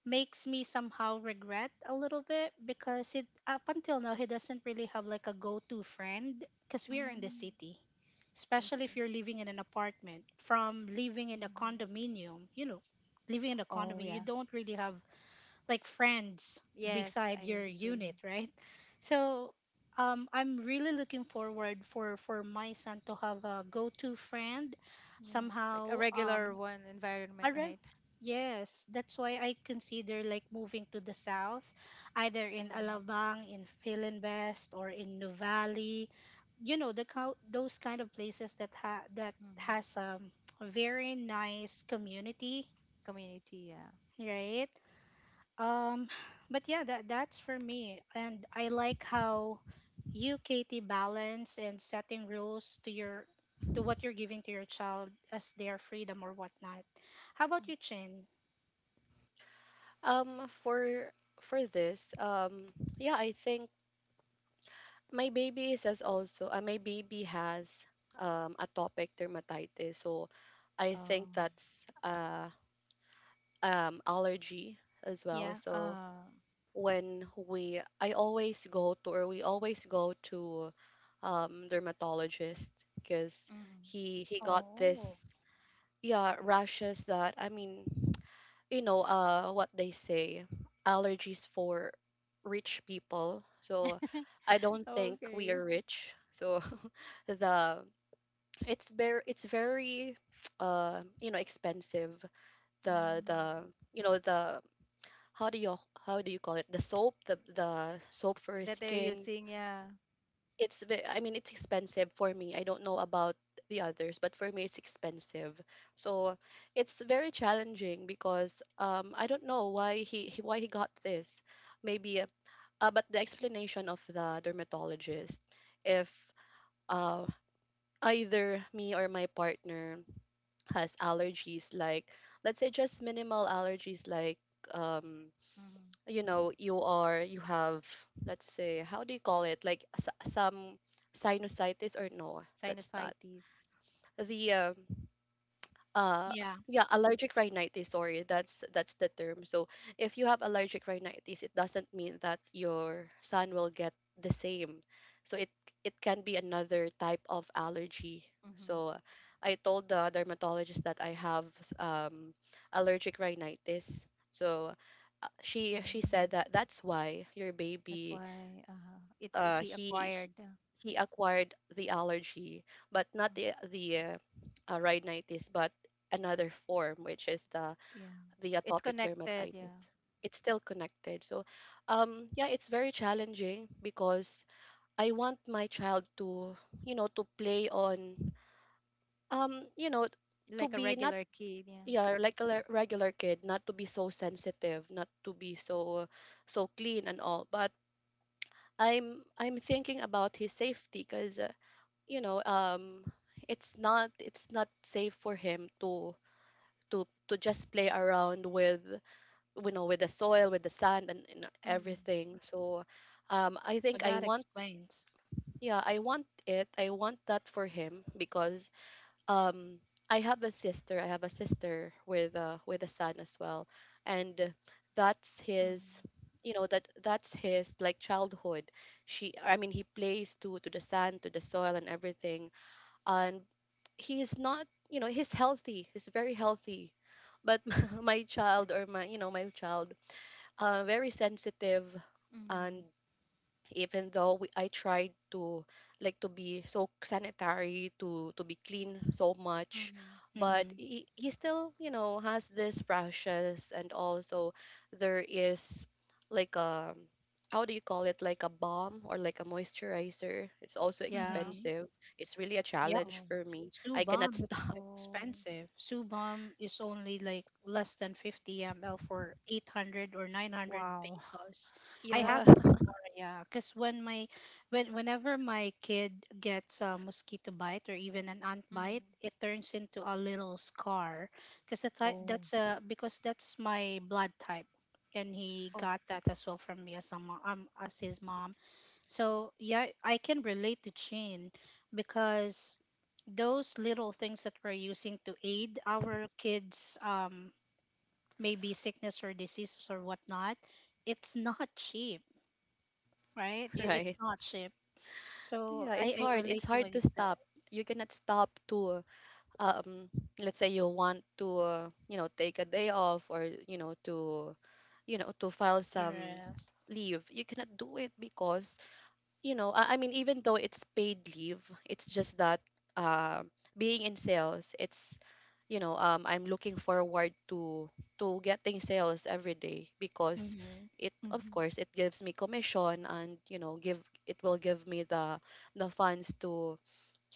makes me somehow regret a little bit because it up until now he doesn't really have like a go-to friend because we're in the
Mm,
city,
I
especially if
see.
you're living in an apartment. From living in a
Mm-hmm.
condominium, you know. Living in a
Oh,
condominium, you
yeah.
don't really have like friends
Yes,
beside
I
your
agree.
unit, right? So I'm really looking forward for my son to have a go-to friend
Yeah, like a
somehow.
regular one
I
environment,
re-
right?
yes, that's why I consider like moving to the south, either in
Mm-hmm.
Alabang in Philinvest or in Nuvali. You know, the cow those kind of places that ha that has
Mm-hmm.
a very nice community,
Community, yeah.
right? um but yeah, that's for me. And I like how you, Katie, balance and setting rules to what you're giving to your child as their freedom or whatnot. How
Yeah.
about you, Chin?
For, this, yeah, I think my baby is, as also. My baby has atopic dermatitis, so I think that's allergy as well.
Yeah.
Oh.
So when we, I always go to, or we always go to dermatologist, because
Mm.
he got
Oh,
this, yeah, rashes that, I mean, you know, what they say, allergies for rich people, so
<laughs>
I don't think we
Okay.
are rich, so <laughs> the it's very, you know, expensive. the
Mm.
the you know the how do you, how do you call it the soap, the soap for
That they're
skin.
using, yeah.
It's expensive for me. I don't know about the others, but for me it's expensive. So it's very challenging, because I don't know why, he why he got this. Maybe but the explanation of the dermatologist, if uh either me or my partner has allergies, like, let's say just minimal allergies, like um
Mm-hmm.
you know, you are, you have, let's say, how do you call it, like some sinusitis or no, that's not
Sinusitis.
the uh
yeah.
yeah, allergic rhinitis, sorry, that's the term. So if you have allergic rhinitis, it doesn't mean that your son will get the same. So it can be another type of allergy.
Mm-hmm.
So I told the dermatologist that I have um allergic rhinitis, so she said
Mm.
that that's why your
That's
baby
why it
uh,
he
he
acquired.
he acquired the allergy, but not
Mm.
the rhinitis, but another form, which is the
Yeah. It's
atopic
connected,
dermatitis.
yeah.
It's still connected. So, yeah, it's very challenging because I want my child to, you know, to play on, you know, to
Like a
be not,
regular kid. Yeah.
yeah, like a regular kid, not to be so sensitive, not to be so so clean and all. But I'm thinking about his safety because, you know, um, it's not safe for him to to just play around with, you know, with the soil, with the sand and
Mm.
everything. So um, I
No,
think
that
I want,
explains.
yeah, I want it, I want that for him because, um, I have a sister with a son as well. And that's his,
Mm.
you know, that's his, like, childhood. She i mean he plays to the sand, to the soil and everything. And he is not, you know, he's healthy, he's very healthy. But <laughs> my child or my, you know, my child, very sensitive. And
Mm.
even though I tried to, like, to be so sanitary, to be clean so much,
Mm.
but
Mm-hmm.
he still, you know, has this rashes. And also, there is, like, a, how do you call it, like a balm or like a moisturizer, it's also
Yeah.
Mm-hmm.
expensive. It's really a challenge
Oh.
for me.
Sue
I cannot
Balm
<laughs>
is
stop.
Oh.
expensive. Sue Balm is only like less than 50 ml for 800 or 900
Wow.
pesos. I
<laughs> Oh
Yeah,
had that
no.
<laughs>
before, yeah. Because whenever my kid gets a mosquito bite or even an ant bite,
Mm.
it turns into a little scar. Because that's
Oh.
that's a because that's my blood type, and he
Oh,
got that as well from me as as his mom. So, yeah, I can relate to Chin because those little things that we're using to aid our kids, maybe sickness or diseases or whatnot, it's not cheap, right? It,
true.
it's
right.
not cheap. So,
Yeah,
I,
it's
I
hard. It's
relate to
hard
what
to
you said.
stop. You cannot stop to, um, let's say you want to, you know, take a day off, or you know, to, you know, to file
The
some
rest.
leave. You cannot do it because, you know, I mean, even though it's paid leave, it's just that, uh, being in sales, it's, you know, I'm looking forward to getting sales every day because
Hmm.
it, of
Mm-hmm.
course, it gives me commission. And, you know, give it will give me the funds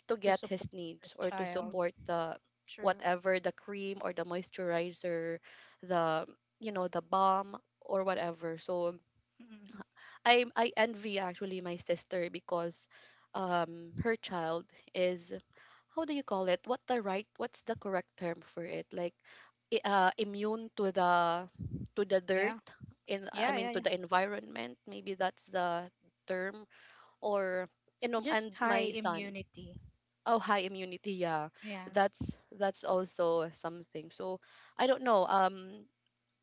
to
To
get
support
his
your
needs or to
child.
Mm.
support the
True.
whatever, the cream or the moisturizer, the, you know, the balm or whatever. So
Mm.
I envy actually my sister because, um, her child is, how do you call it? What the right, what's the correct term for it? Like, immune to the dirt,
Yeah,
in I
yeah,
mean,
yeah,
to
yeah.
the environment. Maybe that's the term. Or, you know,
Just
and my
high
son,
immunity.
oh, high immunity, yeah,
Yeah,
that's also something. So I don't know, um,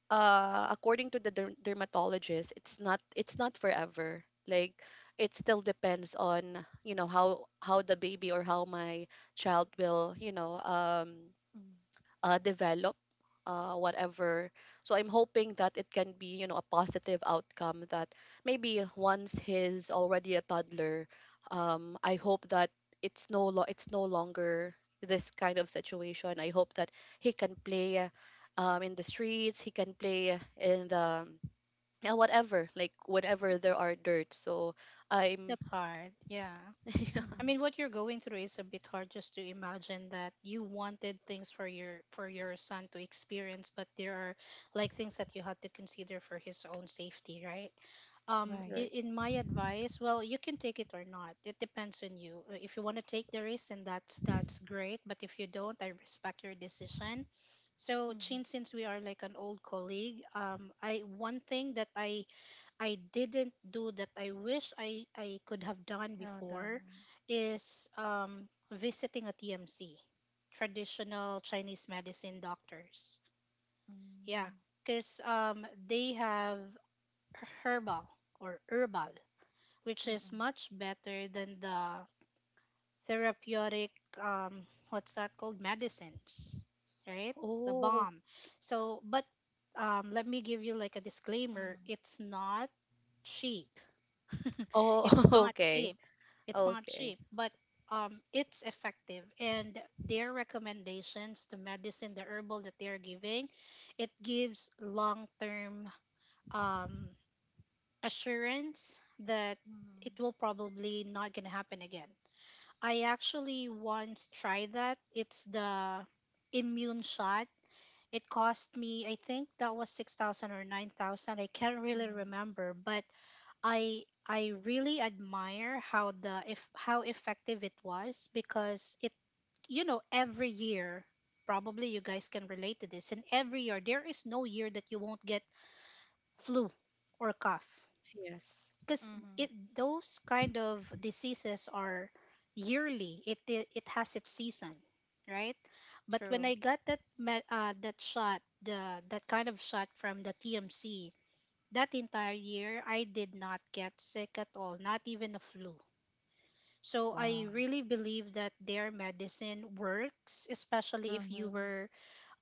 according to the dermatologist, it's not forever. Like, it still depends on, you know, how the baby or how my child will, you know, um,
Mm.
develop, whatever. So I'm hoping that it can be, you know, a positive outcome, that maybe once he's already a toddler, I hope that it's no longer this kind of situation. I hope that he can play, in the streets, he can play in the, yeah, whatever, like whenever there are dirt. So I'm
that's hard. Yeah. I
<laughs>
mean,
Mm-hmm.
what you're going through is a bit hard just to imagine that you wanted things for your son to experience, but there are like things that you had to consider for his own safety, right? Um,
Right.
in,
right.
in my advice, well, you can take it or not. It depends on you. If you want to take the risk, then that's great. But if you don't, I respect your decision. So,
Mm-hmm.
Chin, since we are like an old colleague, I one thing that I didn't do that I wish I could have done
Ah,
before
done.
is visiting a TMC, traditional Chinese medicine doctors. Yeah,
Hmm.
because they have herbal herbal, which is
Mm,
much better than the therapeutic, um, what's that called, medicines, right? The
Oh,
bomb. So, but let me give you like a disclaimer,
mm,
it's not cheap. <laughs>
oh,
it's
<laughs>
not
okay,
cheap. It's not
okay,
cheap, but it's effective. And their recommendations, the medicine, the herbal that they're giving, it gives long term um, assurance that it
mm,
will probably not gonna happen again. I actually once tried that. It's the immune shot. It cost me, I think that was 6,000 or 9,000. I can't really
mm,
remember, but I really admire how the if how effective it was, because it you know every year, probably you guys can relate to this, and every year there is no year that you won't get flu or cough.
yes.
Because
mhm,
it those kind of diseases are yearly, it has its season, right? But when
true.
I got that shot, the that kind of shot from the TMC, that entire year, I did not get sick at all, not even a flu. So I
Wow.
really believe that their medicine works, especially
Mhm.
were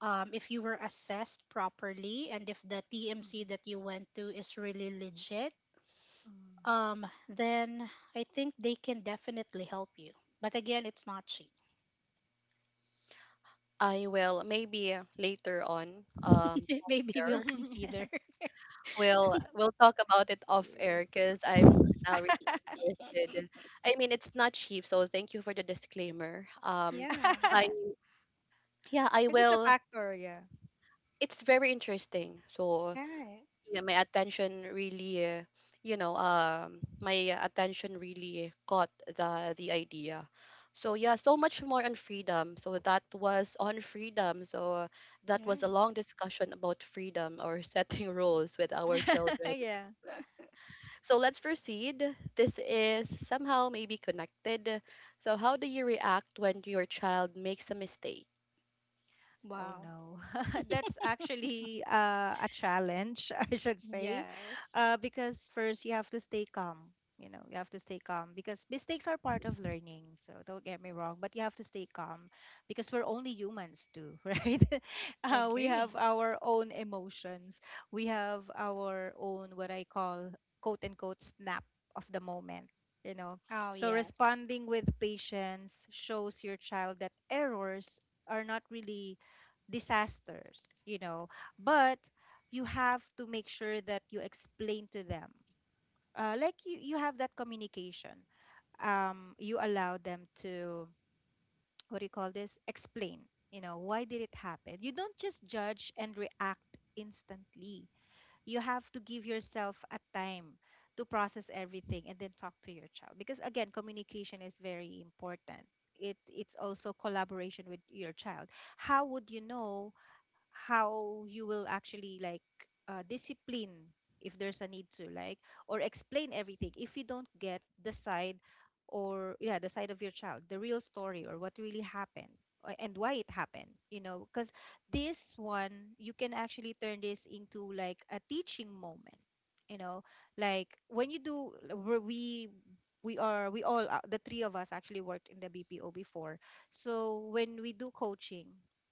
um, if you were assessed properly, and if the
Mhm,
TMC that you went to is really legit.
mhm.
Then I think they can definitely help you. But again, it's not cheap.
I will, maybe, later on, um,
<laughs>
off
Maybe we'll
air.
consider. <laughs>
We'll talk about it off
Yeah,
air because I'm now really
because <laughs>
interested. I mean, it's not cheap, so thank you for the disclaimer. Um,
Yeah.
I,
<laughs>
yeah, I
it's a
will,
factor, yeah.
it's very interesting. So
Right.
yeah, my attention really, you know, my attention really caught the idea. So yeah, so much more on freedom. So that was on freedom. So that
Yeah.
was a long discussion about freedom or <laughs> setting rules with our
<laughs>
children.
Yeah.
So let's proceed. This is somehow maybe connected. So how do you react when your child makes a mistake?
Oh
Wow.
no, <laughs> that's actually a challenge, <laughs> I should say,
Yes.
because first you have to stay calm. You know, you have to stay calm because mistakes are part of learning. So don't get me wrong, but you have to stay calm because we're only humans too, <laughs> right?
I
We
agree.
have our own emotions. We have our own what I call quote unquote snap of the moment. You know,
Oh
so
yes.
responding with patience shows your child that errors are not really disasters. But you have to make sure that you explain to them. Like, you have that communication. You allow them to, what do you call this? Explain, you know, why did it happen? You don't just judge and react instantly. You have to give yourself a time to process everything and then talk to your child. Because again, communication is very important. It's also collaboration with your child. How would you know how you will actually, like, discipline, if there's a need to, like, or explain everything if you don't get the side, or yeah, the side of your child, the real story, or what really happened, and why it happened, you know? Because this one, you can actually turn this into like a teaching moment, you know, like when you do, where we are we all the three of us actually worked in the BPO before. So when we do coaching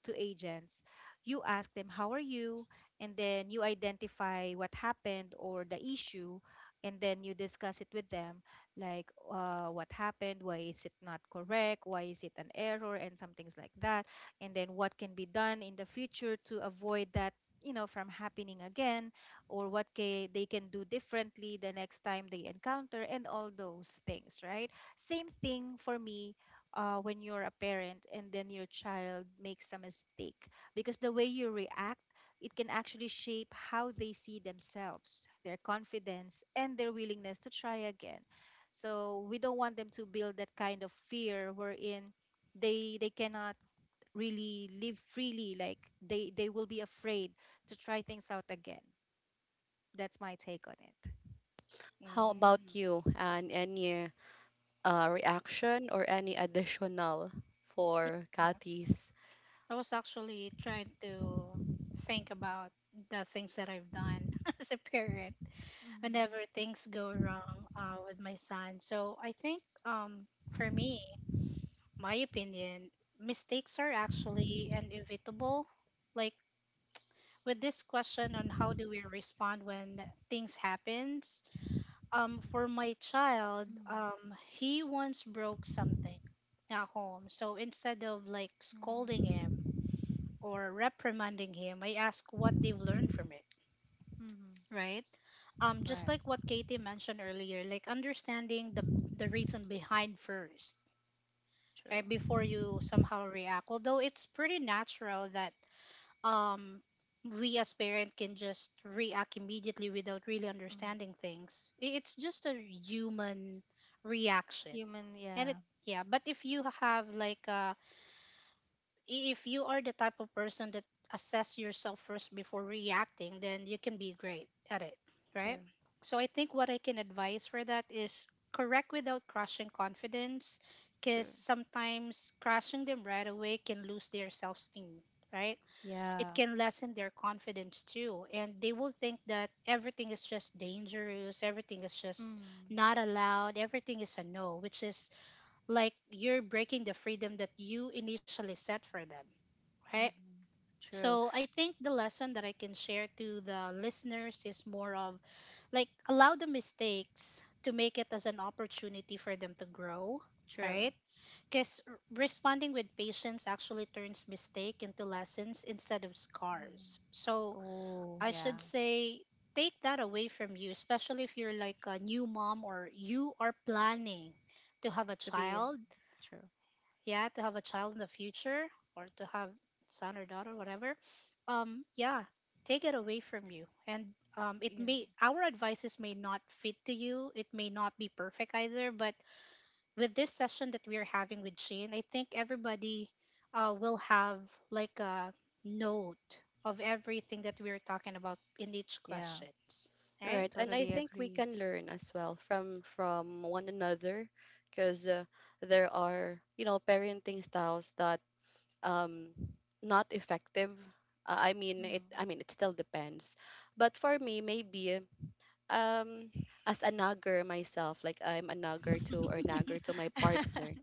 to agents, you ask them how are you, and then you identify what happened or the issue, and then you discuss it with them, like, what happened, why is it not correct, why is it an error, and some things like that. And then what can be done in the future to avoid that, you know, from happening again, or what they can do differently the next time they encounter, and all those things, right? Same thing for me, when you're a parent and then your child makes a mistake, because the way you react, it can actually shape how they see themselves, their confidence, and their willingness to try again. So we don't want them to build that kind of fear wherein they cannot really live freely. Like they will be afraid to try things out again. That's my take on it.
How
Mm.
about you, and any, reaction or any additional
Yeah,
for Kathy's?
I was actually trying to think about the things that I've done <laughs> as a parent whenever
Mhm.
things go wrong with my son. So I think for me, my opinion, mistakes are actually inevitable. Like with this question on how do we respond when things happens, for my child,
Mm,
he once broke something at home. So instead of like scolding
mm,
him or reprimanding him, I ask what they've learned from it,
mm-hmm.
right? Just
Right.
like what Katie mentioned earlier, like understanding the reason behind first,
True.
right? Before you somehow react. Although it's pretty natural that um we as parent can just react immediately without really
Mm.
understanding things. It's just a human reaction.
Human,
And it
yeah,
Yeah, but if you have like a, if you are the type of person that assess yourself first before reacting, then you can be great at it, right?
true,
So I think what I can advise for that is correct without crushing confidence, because
true.
sometimes crushing them right away can lose their self-esteem, right? It
Yeah,
can lessen their confidence too, and they will think that everything is just dangerous, everything is just
mm,
not allowed, everything is a no, which is like you're breaking the freedom that you initially set for them, right?
mm-hmm. True,
So I think the lesson that I can share to the listeners is more of like allow the mistakes to make it as an opportunity for them to grow,
true.
right? Because responding with patience actually turns mistake into lessons instead of
Mm-hmm.
scars. So
Oh,
I
yeah.
should say take that away from you, especially if you're like a new mom or you are planning to have a
To be
child,
true.
yeah, to have a child in the future, or to have son or daughter whatever. Yeah, take it away from you. And it
Yeah.
may our advices may not fit to you, it may not be perfect either, but with this session that we are having with Shane, I think everybody will have like a note of everything that we are talking about in each
Yeah,
questions,
I
right?
Right, and I
totally
think we
agree.
can learn as well from one another, because, there are, you know, parenting styles that, um, not effective. I mean it,
Mm.
I mean, it still depends, but for me, maybe, um, as a nagger myself, like I'm a nagger to, or
<laughs>
nagger to my partner,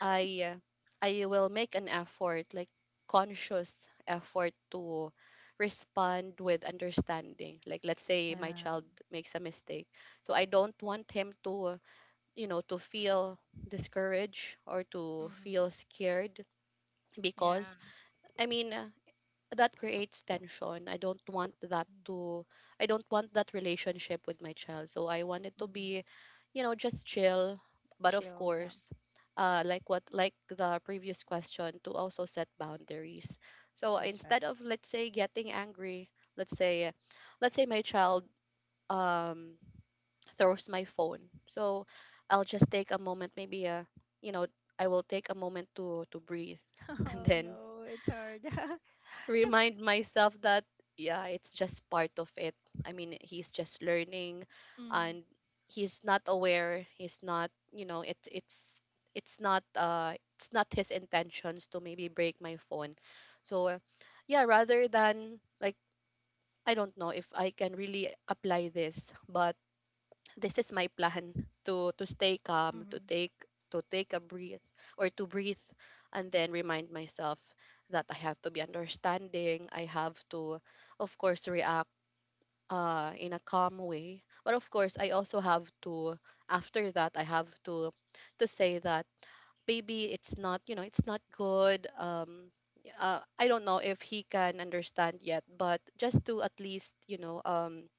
I I will make an effort, like, conscious effort to respond with understanding. Like, let's say my
Yeah.
child makes a mistake. So I don't want him to, you know, to feel discouraged or to feel
Mm-hmm.
scared
Yeah,
because, I mean, that creates tension. I don't want that
Mm-hmm.
to, I don't want that relationship with my child. So I want it to be,
Mm-hmm.
you know, just chill. But of
Chill. Yeah,
course, uh, like what, like the previous question, to also set boundaries. So
that's right.
instead of, let's say, getting angry, let's say let's say my child, um, throws my phone. So I'll just take a moment, maybe, uh, you know, I will take a moment to breathe
<laughs>
<laughs> and
Oh
then
no, it's hard. <laughs> So.
remind myself that, yeah, it's just part of it. I mean, he's just learning,
Mm-hmm.
and he's not aware. He's not, you know, it's it's not his intentions to maybe break my phone. So, yeah, rather than, like, I don't know if I can really apply this, but this is my plan to stay calm,
Mm-hmm.
to take a breath or to breathe, and then remind myself that I have to be understanding, I have to, of course, react, in a calm way. But of course, I also have to, after that, I have to say that maybe it's not, you know, it's not good. Um, I don't know if he can understand yet, but just to at least, you know, um,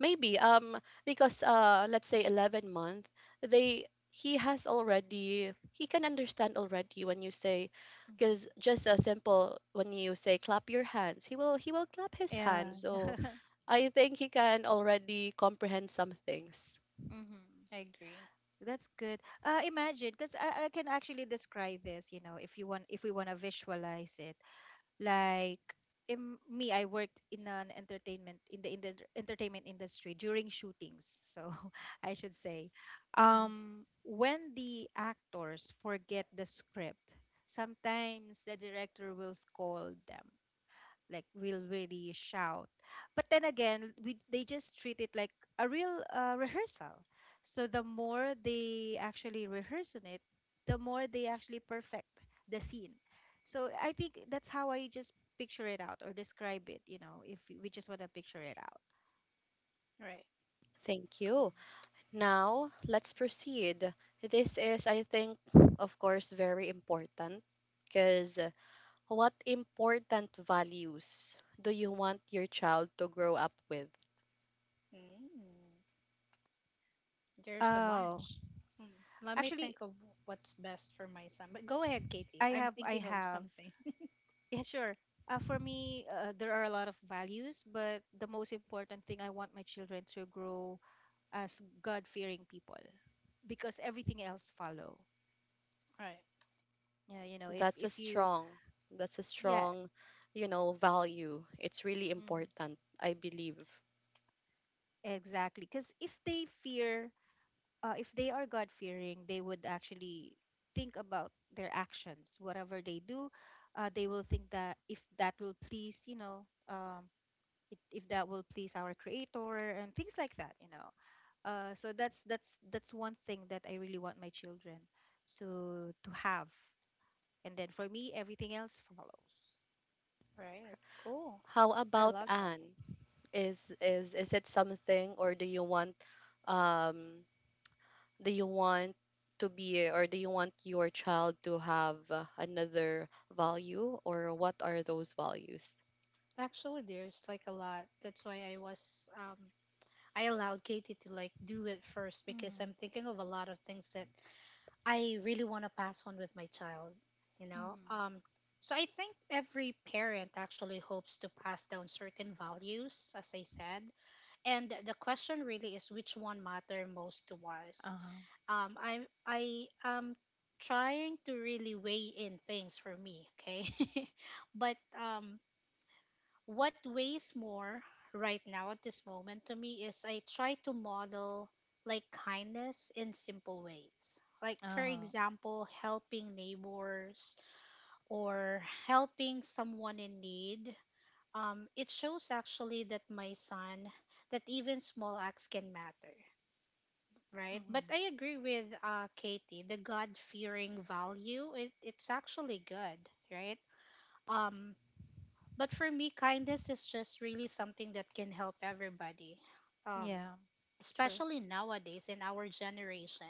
maybe, um, because, uh, let's say 11 month, they he has already, he can understand already when you say, because
Mm-hmm.
just a simple, when you say clap your hands, he will clap his
Yeah.
hands. So
<laughs>
I think he can already comprehend some things.
Mm-hmm.
I agree.
That's good. Imagine, because I can actually describe this, you know, if you want, if we want to visualize it. Like, I worked in an entertainment, in the entertainment industry during shootings. So <laughs> I should say,
Hmm.
when the actors forget the script, sometimes the director will scold them, like, will really shout. But then again, we they just treat it like a real rehearsal. So the more they actually rehearse on it, the more they actually perfect the scene. So I think that's how I just picture it out or describe it, you know, if we just want to picture it out.
Right.
Thank you. Now, let's proceed. This is, I think, of course, very important, because what important values do you want your child to grow up with?
Mm. There's a
Oh,
bunch. Hmm. Let me think
actually,
of what's best for my son. But go ahead, Katie.
I
I'm
have, I
thinking of
have.
something.
<laughs>
<laughs>
Yeah, sure. For me, there are a lot of values, but the most important thing I want my children to grow as god-fearing people because everything else follow.
Right.
Yeah, you know, if
That's a
you.
strong, that's a
Yeah.
strong, you know, value. It's really
Mhm.
important, I believe.
Exactly, because if they fear, if they are god-fearing, they would actually think about their actions, whatever they do. They will think that if that will please, you know, if that will please our creator and things like that, you know. So that's one thing that I really want my children to have, and then for me, everything else follows.
Right. Cool.
How
I
about
love that.
Anne? Is it something, or do you want, um, do you want to be, or do you want your child to have, another value, or what are those values?
Actually, there's like a lot. That's why I allowed Katie to like do it first because
Mhm.
I'm thinking of a lot of things that I really want to pass on with my child, you know.
Mhm.
So I think every parent actually hopes to pass down certain values, as I said. And the question really is which one matter most to us.
Uh-huh.
um i I am trying to really weigh in things for me, okay? <laughs> but what weighs more right now at this moment to me is I try to model like kindness in simple ways, like for
Uh-huh.
example helping neighbors or helping someone in need. It shows actually that my son, that even small acts can matter, right? But
Mhm.
I agree with Katie, the god-fearing value, it's actually good, right? um, but for me kindness is just really something that can help everybody, um,
Yeah. True.
especially nowadays in our generation.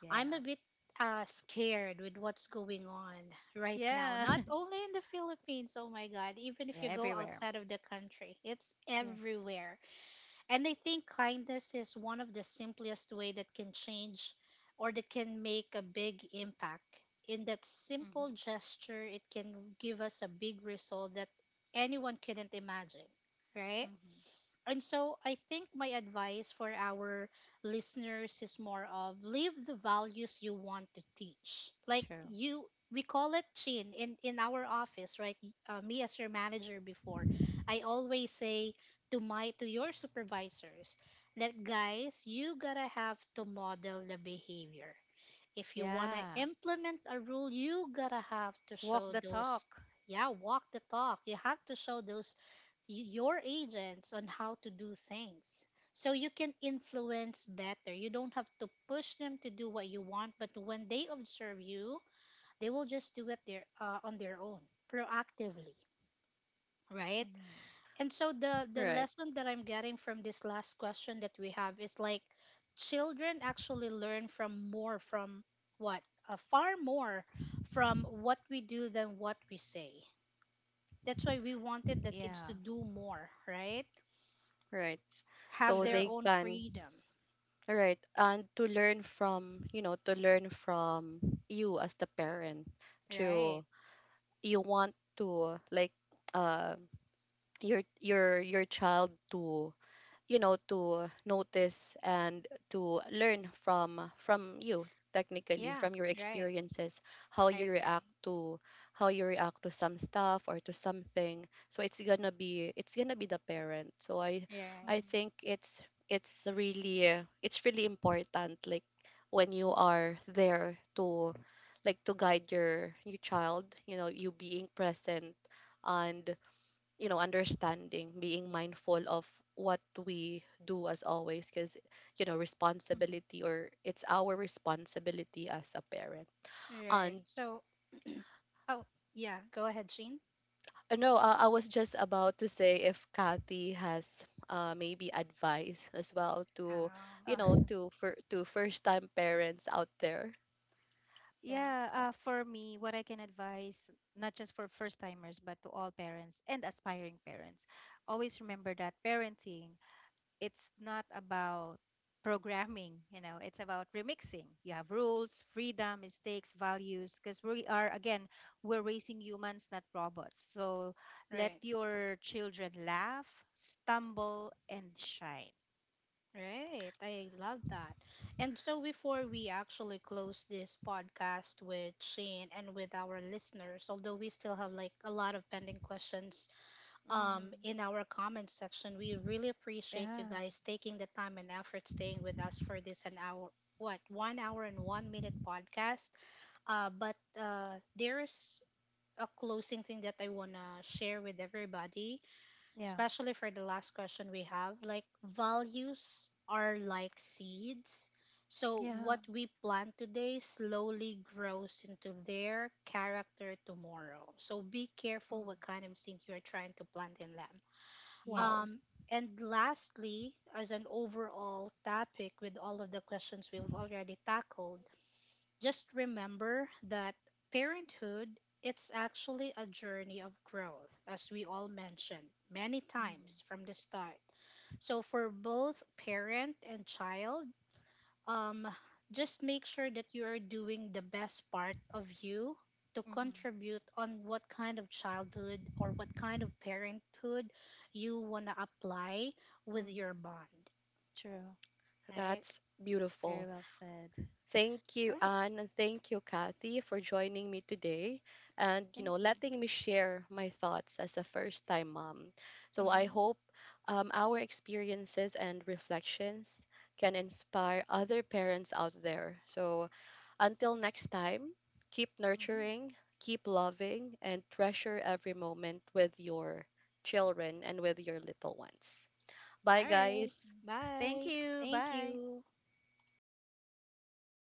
Yeah.
I'm a bit scared with what's going on right now,
Yeah. <laughs>
not only in the Philippines. Oh my god, even if
Yeah.
you go
Everywhere.
outside of the country, it's
Yes.
everywhere. And I think kindness is one of the simplest way that can change or that can make a big impact. In that
Mhm.
simple gesture, it can give us a big result that anyone couldn't imagine, right?
Mhm.
And so I think my advice for our listeners is more of live the values you want to teach. Like
True.
you, we call it, Chin, in our office, right? Me as your manager before, I always say to my to your supervisors that, guys, you got to have to model the behavior. If you want to
Yeah.
implement a rule, you got to have to
Walk
show
the
those,
talk.
yeah, walk the talk. You have to show those your agents on how to do things. So you can influence better. You don't have to push them to do what you want, but when they observe you, they will just do it on their own, proactively, right?
Mhm.
And so the
Right,
lesson that I'm getting from this last question that we have is like children actually learn from more from what far more from what we do than what we say. That's why we wanted the kids
Yeah.
to do more, right?
right.
Have
So
their
True.
they
own
can
freedom.
right, and to learn from, you know, to learn from you as the parent,
Right.
to, you want to, like, um, your your child to, you know, to notice and to learn from you, technically
Yeah,
from your
right.
experiences, how
I
you
agree.
react to how you react to some stuff or to something. So it's gonna be, it's gonna be the parent. So i
Right.
i
Mhm.
think it's really it's really important, like, when you are there to like to guide your child, you know, you being present, and, you know, understanding, being mindful of what we do as always, because, you know,
Mhm.
responsibility, or it's our responsibility as a parent.
Right.
And,
So, oh, yeah, go ahead, Sheen.
no, I was just about to say if Kathy has, maybe advice as well to,
Oh,
you
Uh,
know,
<laughs>
to for to first time parents out there.
yeah.
yeah. For me, what I can advise, not just for first timers, but to all parents and aspiring parents, always remember that parenting, it's not about programming, you know, it's about remixing. You have rules, freedom, mistakes, values, because we are, again, we're raising humans, not robots. So let
Right.
your children laugh, stumble, and shine.
Right. I love that. And so before we actually close this podcast with Shane and with our listeners, although we still have like a lot of pending questions
Mm-hmm.
in our comment section. We really appreciate you
Yeah.
guys taking the time and effort staying with us for this an hour, what, 1 hour and 1 minute podcast. But there's a closing thing that I want to share with everybody,
Yeah.
especially for the last question we have. Like, values are like seeds. So,
Yeah.
what we plant today slowly grows into their character tomorrow. So, be
Mm.
careful what kind of seed you're trying to plant in them.
Wow,
Yes.
Um, and lastly, as an overall topic with all of the questions we've already tackled, just remember that parenthood, it's actually a journey of growth as we all mentioned many
Mm.
times from the start. So for both parent and child, um, just make sure that you are doing the best part of you to
Mm-hmm.
contribute on what kind of childhood or what kind of parenthood you want to apply with
Mm-hmm.
your bond.
True.
All right.
that's
Very
beautiful.
well said.
Thank you,
All right.
Anne, and thank you, Kathy, for joining me today, and, you
Thank
know,
you.
letting me share my thoughts as a first time mom. So I
Mm-hmm.
hope, our experiences and reflections can inspire other parents out there. So until next time, keep
Hmm.
nurturing, keep loving, and treasure every moment with your children and with your little ones. Bye,
All
That's right.
right.
Thank you.
guys.
Thank
Bye.
you.
Thank
Bye.
you.